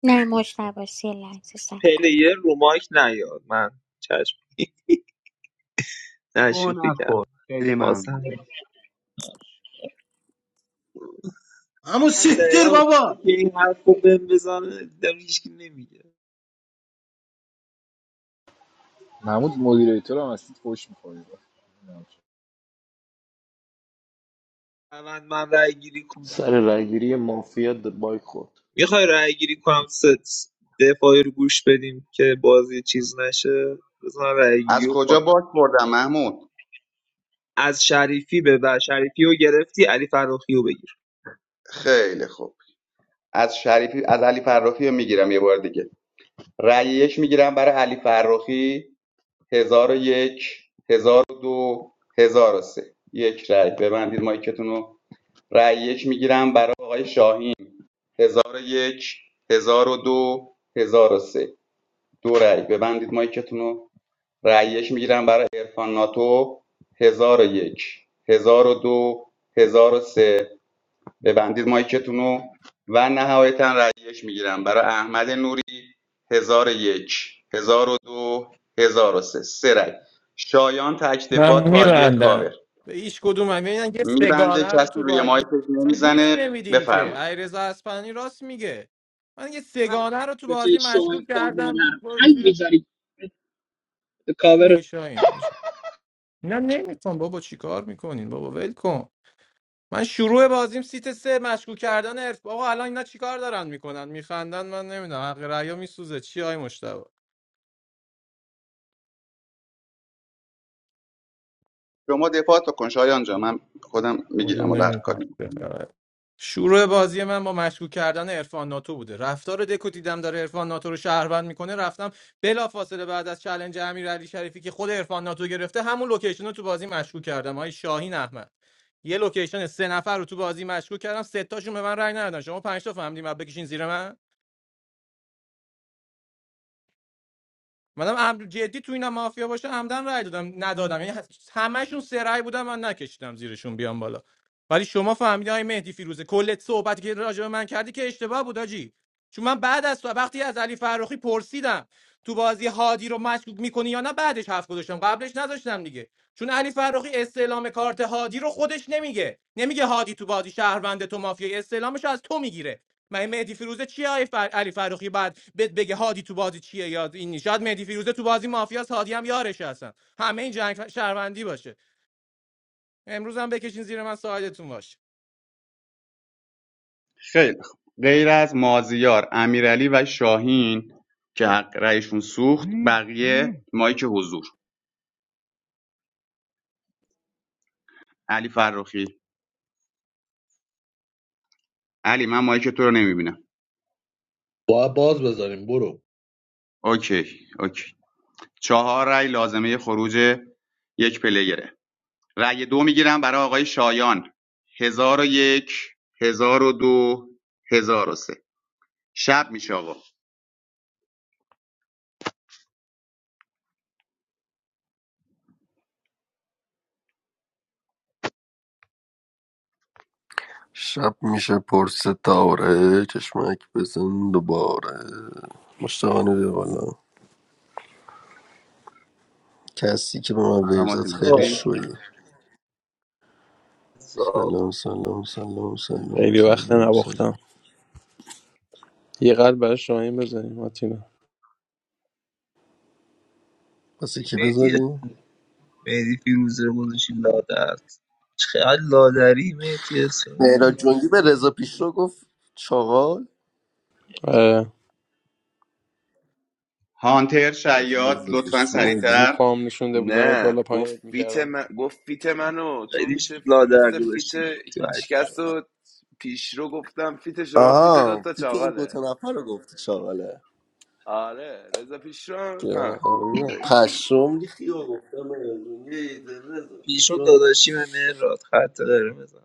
No مشتاق. emotion. Be silent. Just like that. پلیر رو مایک نیاد من چشم نه گوه شوخی نخور کرد خیلی ممنون خواستم همون من دقیقا سیفتر اونطوری بابا که این حرف رو بهم بزنه داره هیچکی نمیگه محمود مدیریتور هم هستید خوش میخوری من من رأی گیری سر کنم رایگیری مافیا د بایک خورد میخوای رأی گیری کنم ست دفاعی رو گوش بدیم که بازی چیز نشه بزن رأی گیری از رو کنم کجا باک خوردم محمود از شریفی به و شریفیو گرفتی علی فراخیو بگیر خیلی خوب از شریفی از علی فرخی میگیرم یه بار دیگه رأی یک میگیرم برای علی فرخی هزار و یک هزار و دو هزار و سه یک رأی ببندید مایکتون رو رأی یک میگیرم برای آقای شاهین هزار و یک هزار و دو هزار و سه دو رأی ببندید مایکتون رو رأی یک میگیرم برای عرفان ناتو هزار و یک هزار و دو هزار و سه ببندید مایکتونو و نهایتا رأی میگیرم برای احمد نوری هزار و یک هزار و دو هزار و سه سه رأی شایان تکدفاع من تارگت میبندم کاور به هیچ کدوم هم یعنی که میبنده سگانه رو کسی تو روی مایکت بازی اصلا گوش نمیزنه نمیدین که بفرمایید علیرضا اصفهانی راست میگه من یه سگانه رو تو به توی بازی شوهر مشکوک کار کردم مادر برو هی زیر- میذاری به چی میگی کاور شاهین نه نمیخوام بابا چیکار میکنین بابا ول کن من شروع بازیم سیت سه مشکوک کردن ارف آقا الان اینا چیکار دارن میکنن میخندن من نمیدونم حق ریا میسوزه چی های مشتبه شما دفاع تو کن شایان جا من خودم والله میگیرم و هر کاری نمیفهم شروع بازی من با مشکوک کردن عرفان ناتو بوده رفتار دکو دیدم داره عرفان ناتو رو شهروند میکنه رفتم بلافاصله بعد از چلنج امیر علی شریفی که خود عرفان ناتو گرفته همون لوکیشن رو تو بازی مشکوک کردم های شاهین احمد یه لوکیشن سه نفر رو تو بازی مشکوک کردم سه تاشون به من رنگ ندادن شما پنج تا فهمیدین بعد بکشین زیر من منم عمد جدی تو اینا مافیا باشه عمدن رای دادم ندادم یعنی همشون سه رای بودم من نکشیدم زیرشون بیام بالا ولی شما فهمیدی آقای مهدی فیروزه کل صحبتی که راجع به من کردی که اشتباه بود آجی چون من بعد از تو وقتی از علی فرخی پرسیدم تو بازی هادی رو مشکوک میکنی یا نه بعدش حرف گذاشتم قبلش نذاشتم دیگه چون علی فرخی استعلام کارت هادی رو خودش نمیگه نمیگه هادی تو بازی شهروند تو مافیا استعلامش رو از تو میگیره من مهدی فیروزه چیه آی فر... علی فروخی بعد بهت بگه هادی تو بازی چیه یاد این نیست. شاید مهدی فیروزه تو بازی مافیاس هادی هم یارش هستن همه این جنگ ف- شهروندی باشه امروز هم بکشین زیر من ساعدتون باشه خیلی خوب غیر از مازیار امیرعلی و شاهین که حق رأیشون سوخت بقیه مایک حضور علی فرخی علی من مایک تو رو نمیبینم باید باز بذاریم برو اوکی اوکی چهار رأی لازمه خروج یک پلیره رأی دو میگیرم برای آقای شایان هزار و یک هزار و دو هزار و سه شب میشه آقا Shab miche porseta oray, ke shmeik besan duba oray. Mustavan Devala. Kasi ke bama سلامات veysat kheli خوبی shoyi. Salam salam salam salam خیلی وقت salam salam. نباختم یه قلب برای شاهین بزنیم آتینا Basi ke میتی besari? میتی فیروزه رو گذاشتی لادر چقدر لادری میتی اسم Hey Rajunjibar, 1000 pishloko? Shahwal. آره. هانتر شیاد Rajunjibar, لطفا رو shoyi. سریعتر پام نشونده بودمت نه بالا گفت پایینت فیت میکردم من گفت فیت منو تو خیلی میشه لادر مثل فیت گذاشتی تو هشت هیچکس و پیش رو گفتم فیت شما فیت دو Aha, تا pi te in do چاقاله ta nafar gafte shahwal. آره رضا پیش رو نه Kya? خوبه No, خدایی taashom li khio. Kama yaduniyei de 1000 پیشو pisho. داداشی به مهراد خط داره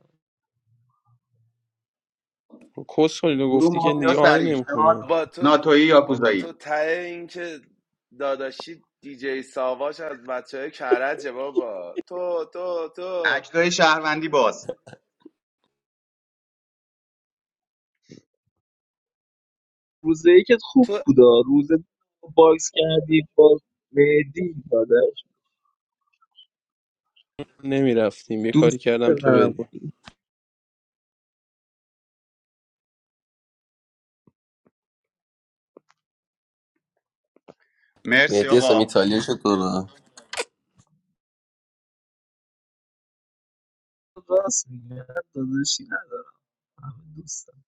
کس رو گروه گفتی که مافیا دیگه آهنگ سریع شاد نمیخونه بابا تو ناتوی بابا یاکوزایی تو ته این که داداشی دیجی ساواش از بچه های کرجه بابا تو تو تو اکتای شهروندی باز روز یکت خوب تو بودا روز دو باکس کردی با مهدی داداش نمیرفتیم یه کاری دوست کردم تو بری نمونی مرسی Mehteesam آقا Italy shodara. راست میگه داداشی ندارم همه دوستم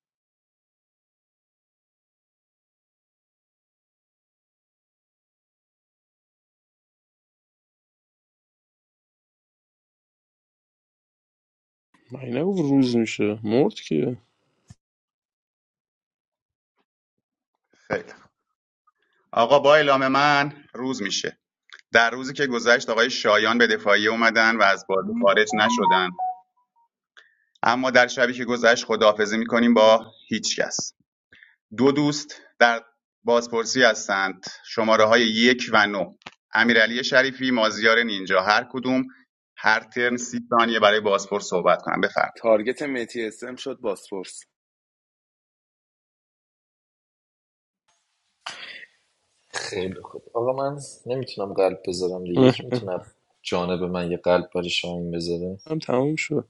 مگه نگفت روز میشه مرد که خیلی خوب. آقا با اعلام من روز میشه در روزی که گذشت آقای شایان به دفاعی اومدن و از بازی خارج نشدن اما در شبی که گذشت خداحافظی می‌کنیم با هیچکس دو دوست در بازپرسی هستند شماره‌های یک و نو امیرعلی شریفی مازیار نینجا هر کدوم هر ترن سی ثانیه برای بازپرس صحبت کنم بفرمایید تارگت متی اسم شد باسپورس خیلی خوب آقا من نمیتونم قلب بذارم دیگه یکی میتونه جانب من یه قلب برای شاهین بذاره هم تموم شد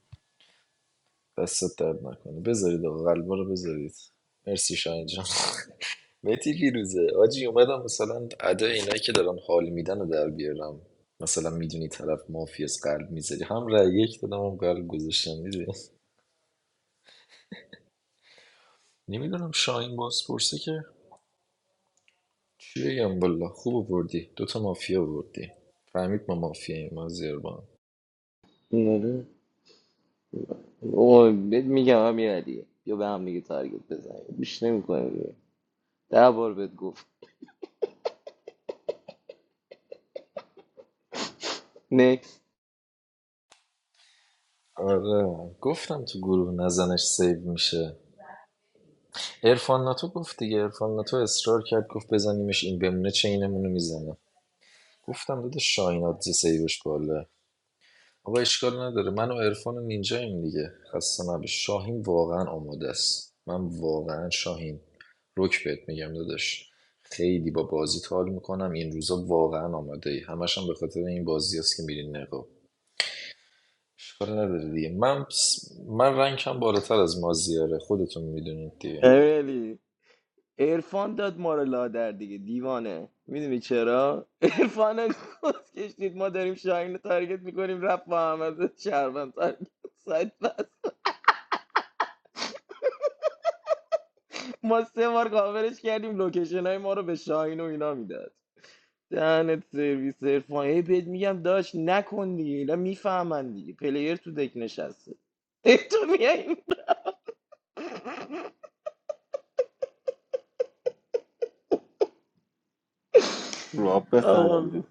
دستت درد نکنه بذارید آقا قلب رو بذارید مرسی شاهین جان متی فیروزه آجی اومدم مثلا ادا اینایی که دارن حال میدن رو در بیارم مثلا میدونی طرف مافی از قلب میذاری هم رأی یک دادم هم قلب گذاشتم میدونی نمیدونم شاهین باز پرسه که چی بگم والا خوب بردی دوتا مافیا بردی فهمید ما مافیاییم ما زیربان آره اوه بهت میگم امیر علیه بیا به هم دیگه تارگت بزنیم بیش نمیکنیم دیگه ده بار بهت گفت نکس آره گفتم تو گروه نزنش سیو میشه ارفان ناتو گفت دیگه ارفان ناتو اصرار کرد گفت بزنیمش این بمونه چینمونو میزنه گفتم داده شاهینات سیوش بالا آقا اشکال نداره من و ارفان و نینجاییم دیگه خسته نباش شاهین واقعا آماده است من واقعا شاهین رک بهت میگم داداش خیلی با بازی حال میکنم این روزا واقعا آماده ای همشم به خاطر این بازی است که میرین نقاب اشکال نداره دیگه من پس- من رنگم بالاتر از مازیاره خودتون میدونید دیگه امیرعلی عرفان داد ما رو لادر دیگه دیوانه میدونی چرا عرفان هم کس کشید ما داریم شاهین رو تارگت میکنیم رفت با احمد شهروند تارگت سایت بست ما سه بار کاورش کردیم لوکیشن های ما رو به شاهین و اینا میداد دهنت سرویس عرفان هی بهت میگم داش نکن دیگه اینا میفهمن دیگه پلیر تو دک نشسته ای تو میای Rabe آقا khandi.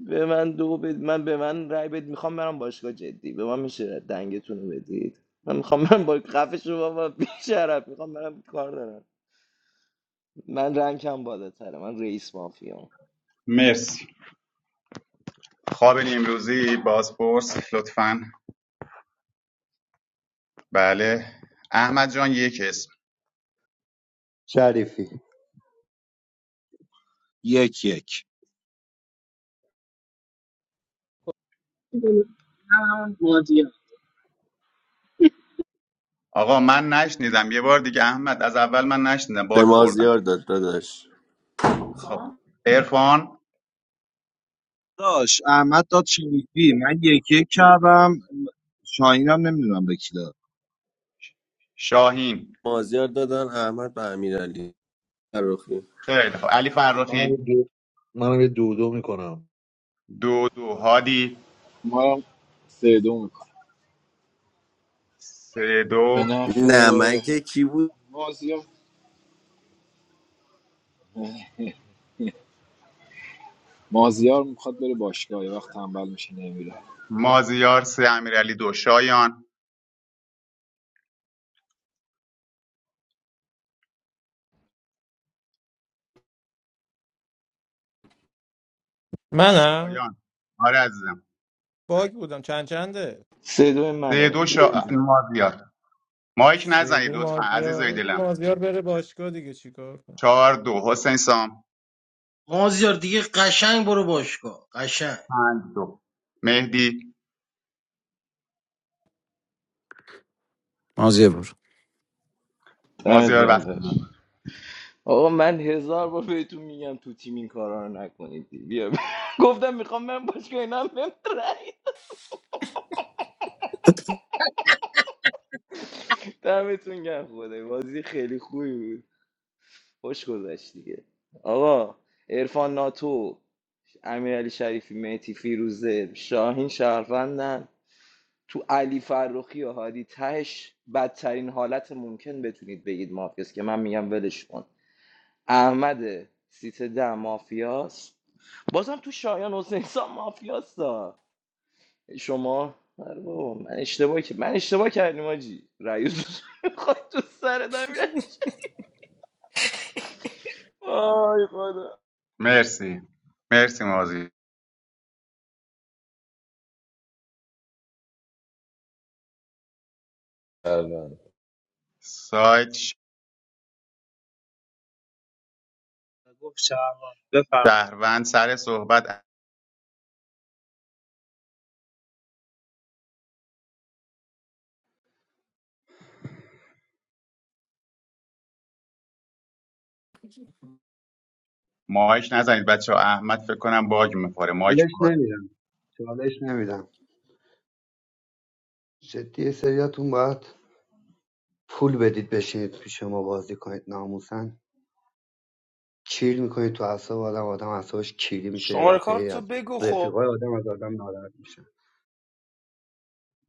به من دو بد من به من رای بد میخوام برم باشگاه جدی به من میشه دنگتون رو بدید من میخوام من با خفش رو بابا بیشرف میخوام برم کار دارم من رنگم بالاتره من رئیس مافیام مرسی خواب امروزی بازپرس لطفاً بله احمد جان یک اسم شریفی یک یک همون بازی ها آقا من نشنیدم یه بار دیگه احمد از اول من نشنیدم به باک خوردم مازیار داد داداش خب عرفان داش احمد داد شریفی من یک یک کردم شاهین هم نمیدونم به کی داد شاهین مازیار دادن احمد به امیرعلی فروخی خیلی خب علی منم فرخی یه دو منم یه دو دو میکنم دو دو هادی ما هم سه دو میکنم سه به دو نفع نمکه کی بود مازیار مازیار میخواد بره باشگاه یه وقت تنبل میشه نمیره مازیار سه امیرعلی دو شایان منم شایان آره عزیزم باگ بودم چند چنده سه دوی سه منه دو شا... مازیار مایک سه نزنید دو لطفا عزیزای مازیار دلم مازیار بره باشگاه دیگه چیکار کنه چهار دو حسین سام مازیار دیگه قشنگ برو باشگاه قشنگ پنج دو مهدی مازیه برو دمت مازیار گرم وقت داش ما. آقا من هزار بار بهتون میگم تو تیم این کارا رو نکنید بیا ب- گفتم میخوام من باشگاه اینم بهم رأی دمتون گرم خدای بازی خیلی خوبی بود خوش گذشت دیگه آقا عرفان ناتو امیرعلی شریفی مهتی فیروزه شاهین شهروندن تو علی فرخی و هادی تهش بدترین حالت ممکن بتونید بگید مافیاست که من میگم ولش کن احمد سیت ده مافیاست بازم تو شایان حسین سام مافیاستا شما آره بابا من اشتباه که من اشتباه کردیم آجی رأی خواهد تو سر دارم میره وای خدا مرسی مرسی مازی شهروند سایت گفت شهروند بفرمایید شهروند سر صحبت مایک نزنید بچه ها، احمد فکر کنم باگ میخوره مایک چالش باگ. نمیدم چالش نمیدم جدی یه سریاتون باید پول بدید بشینید پیش ما بازی کنید ناموسن کیل میکنید تو اعصاب آدم آدم اعصابش کیری میشه یه شماره کار دفعه تو از بگو خب رفیقای آدم از آدم ناراحت میشه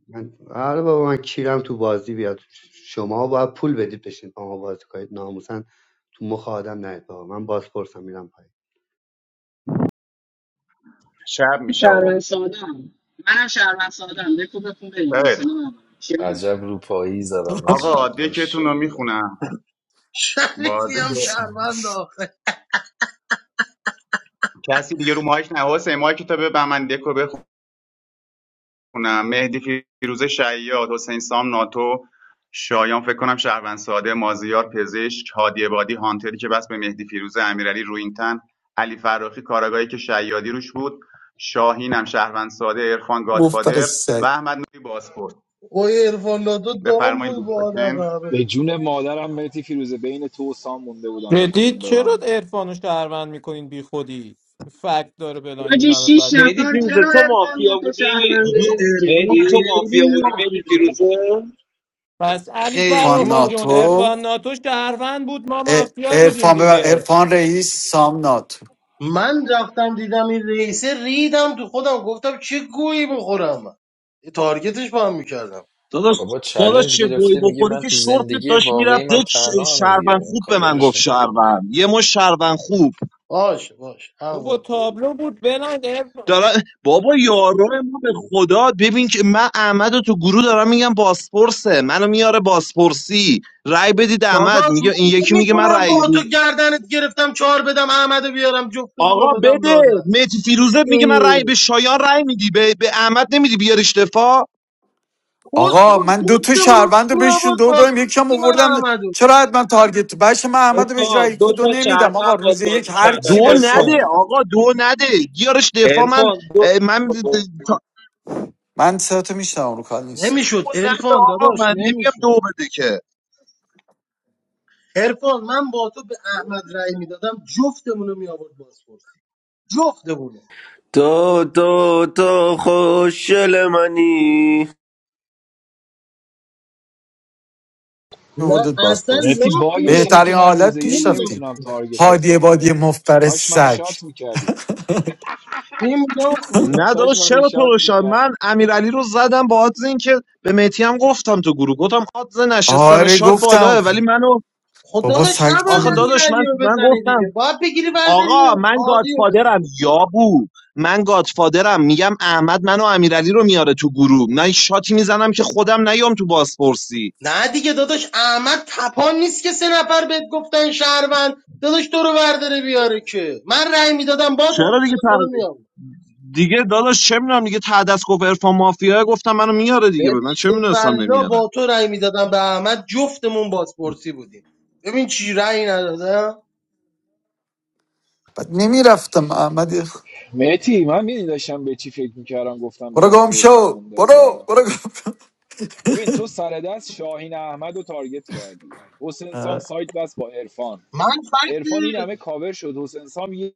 من آره بابا من کیرم تو بازی بیاد شما باید پول بدید بشین با ما بازی کنید ناموسن تو مخ آدم نید بابا من بازپرسم میرم شب من میشه شهروند آقا ساده هم منم شهروند ساده هم بکو بکن بریم خیلی. حوصله ندارم چی هم؟ عجب روپایی زدم آجی آقا دکتون رو ماشاءالله میخونم شریفی بازی ای هم که شهروند شانش. آخه کسی دیگه رو مایک نه حسین مایک تا به من دکو بخونم مهدی فیروز شیاد حسین سام ناتو شایان فکر کنم شهروند ساده مازیار پزشک هادی بادی هانتری که بس به مهدی فیروزه امیرعلی روینتن علی فراخی کاراگاهی که شیادی روش بود شاهین هم شهروند ساده عرفان مفتر گادفادر و سگ احمد نوری بازپورت اوه عرفان ناتو دام بفرمایید بود با آدم دوستان به بابا جون مادرم مرتی فیروزه بین تو و سام مونده بودم به جدی کدوم چرا ببندم عرفان و شهروند میکنین بی خودی فکت داره بلنگ این همه شیش فکت مهدی نفر فیروزه چرا تو ارفان مافیا تو بودی شهرونده مهدی عرفان تو جدی مافیا خیلی بودی چرا مهدی مافیا بود فیروزه پس علی خیلی ارفان فراخی جون مافیا بود. ناتو عرفان ناتو شهروند بود ما مافیا بودیم ارفان, دیگه ارفان رئیس سام ناتو من رفتم دیدم این رئیسه ریدم تو خودم گفتم چه گویی بخورم من تارگتش با هم میکردم داداش بابا داداش چلنج چه گوی گرفته میگه بخوری من که تو شورتت زندگی داشت واقعی میرفت من یک ش- تنها هم شهروند دیگه خوب به من کاورش گفت میکنم دیگه شهروند یه مش شهروند خوب باش باش حق بابا با تو تابلو بود بلند دارن بابا یارو ما به خدا ببین که من احمد رو تو گروه دارم میگم باسپورسه منو میاره باسپورسی رأی بدید احمد داداش میگه این من یکی میگه من نمیتونم رأی با تو روز گردنت گرفتم چهار بدم احمدو بیارم جفتمونو آقا بدم بده لاده متی فیروزه میگه من رأی به شایان رأی میدی به, به احمد نمیدی بیارش دفاع پست آقا خود من دو تا جفتمونو شهروند رو بهشون میابود دو دادم یکم بازپرسی من آوردم احمدو چرا حتما تارگت بشه من احمد رو بهش ارفان رای دو کدو تا نمیدم آقا شهروند روز باد یک بازی هر کردن چی دو باشه نده ارفان آقا دو نده بیارش دفاع من ارفان دو اه، من تا- من صدا میشنم رو کال نیست نمیشد دو نده عرفان آقا داداش من نمیگم دو نمیشد بده که عرفان من با تو به احمد رأی میدادم جفتمونو میابود بازپرسی جفتمونو تو تو تو خوشل منی نه میوردت باز اصلا پرس مرتی لاخ باگش اینه میرم بهترین که من روز حالت یک نیم پیش لاخ رفتیم نمیتونم میرم تارگتت هادی کنم بادی مرتی مفبر کاش منو سگ شات میکردی نیم لاخ میرم نه کاش داداش منو چرا شاد ترشان میکرد من امیرعلی رو زدم با آدز این که به مهدی هم گفتم تو گروه گفتم آدز نشستن آره شاد گفتم بالاه ولی منو خدا بابا داشت سگ نباید آخه تو داداش من امیرعلی رو من بزنی گفتم دیگه باید بگیری برداری آقا من هادی رو گادفادرم بزنی یا بو من گادفادرم میگم احمد منو امیرعلی رو میاره تو گروه نه شاتی میزنم که خودم نیام تو بازپرسی نه دیگه داداش احمد تپان نیست که سه نفر بهت گفتن شهروند داداش تو رو برداره بیاره که من رأی میدادم با چرا داری تو رو دیگه میام دیگه داداش چه میدونم دیگه ته دست گفت عرفان مافیا گفتم منو میاره دیگه به من چه ببین میدونستم والا نمیاره با تو رأی میدادم به احمد جفتمون بازپرسی بودیم ببین چی رأی ندادم بعد نمیرفتم احمد مهتی من میدی داشتم به چی فکر میکردم گفتم برو بین گم تو و سام شو مونده برو بودم برو ببین تو سر دست شاهین احمد رو تارگت کردی حسین سام سایت بس با عرفان من فکت عرفان این همه کاور شد حسین سام یه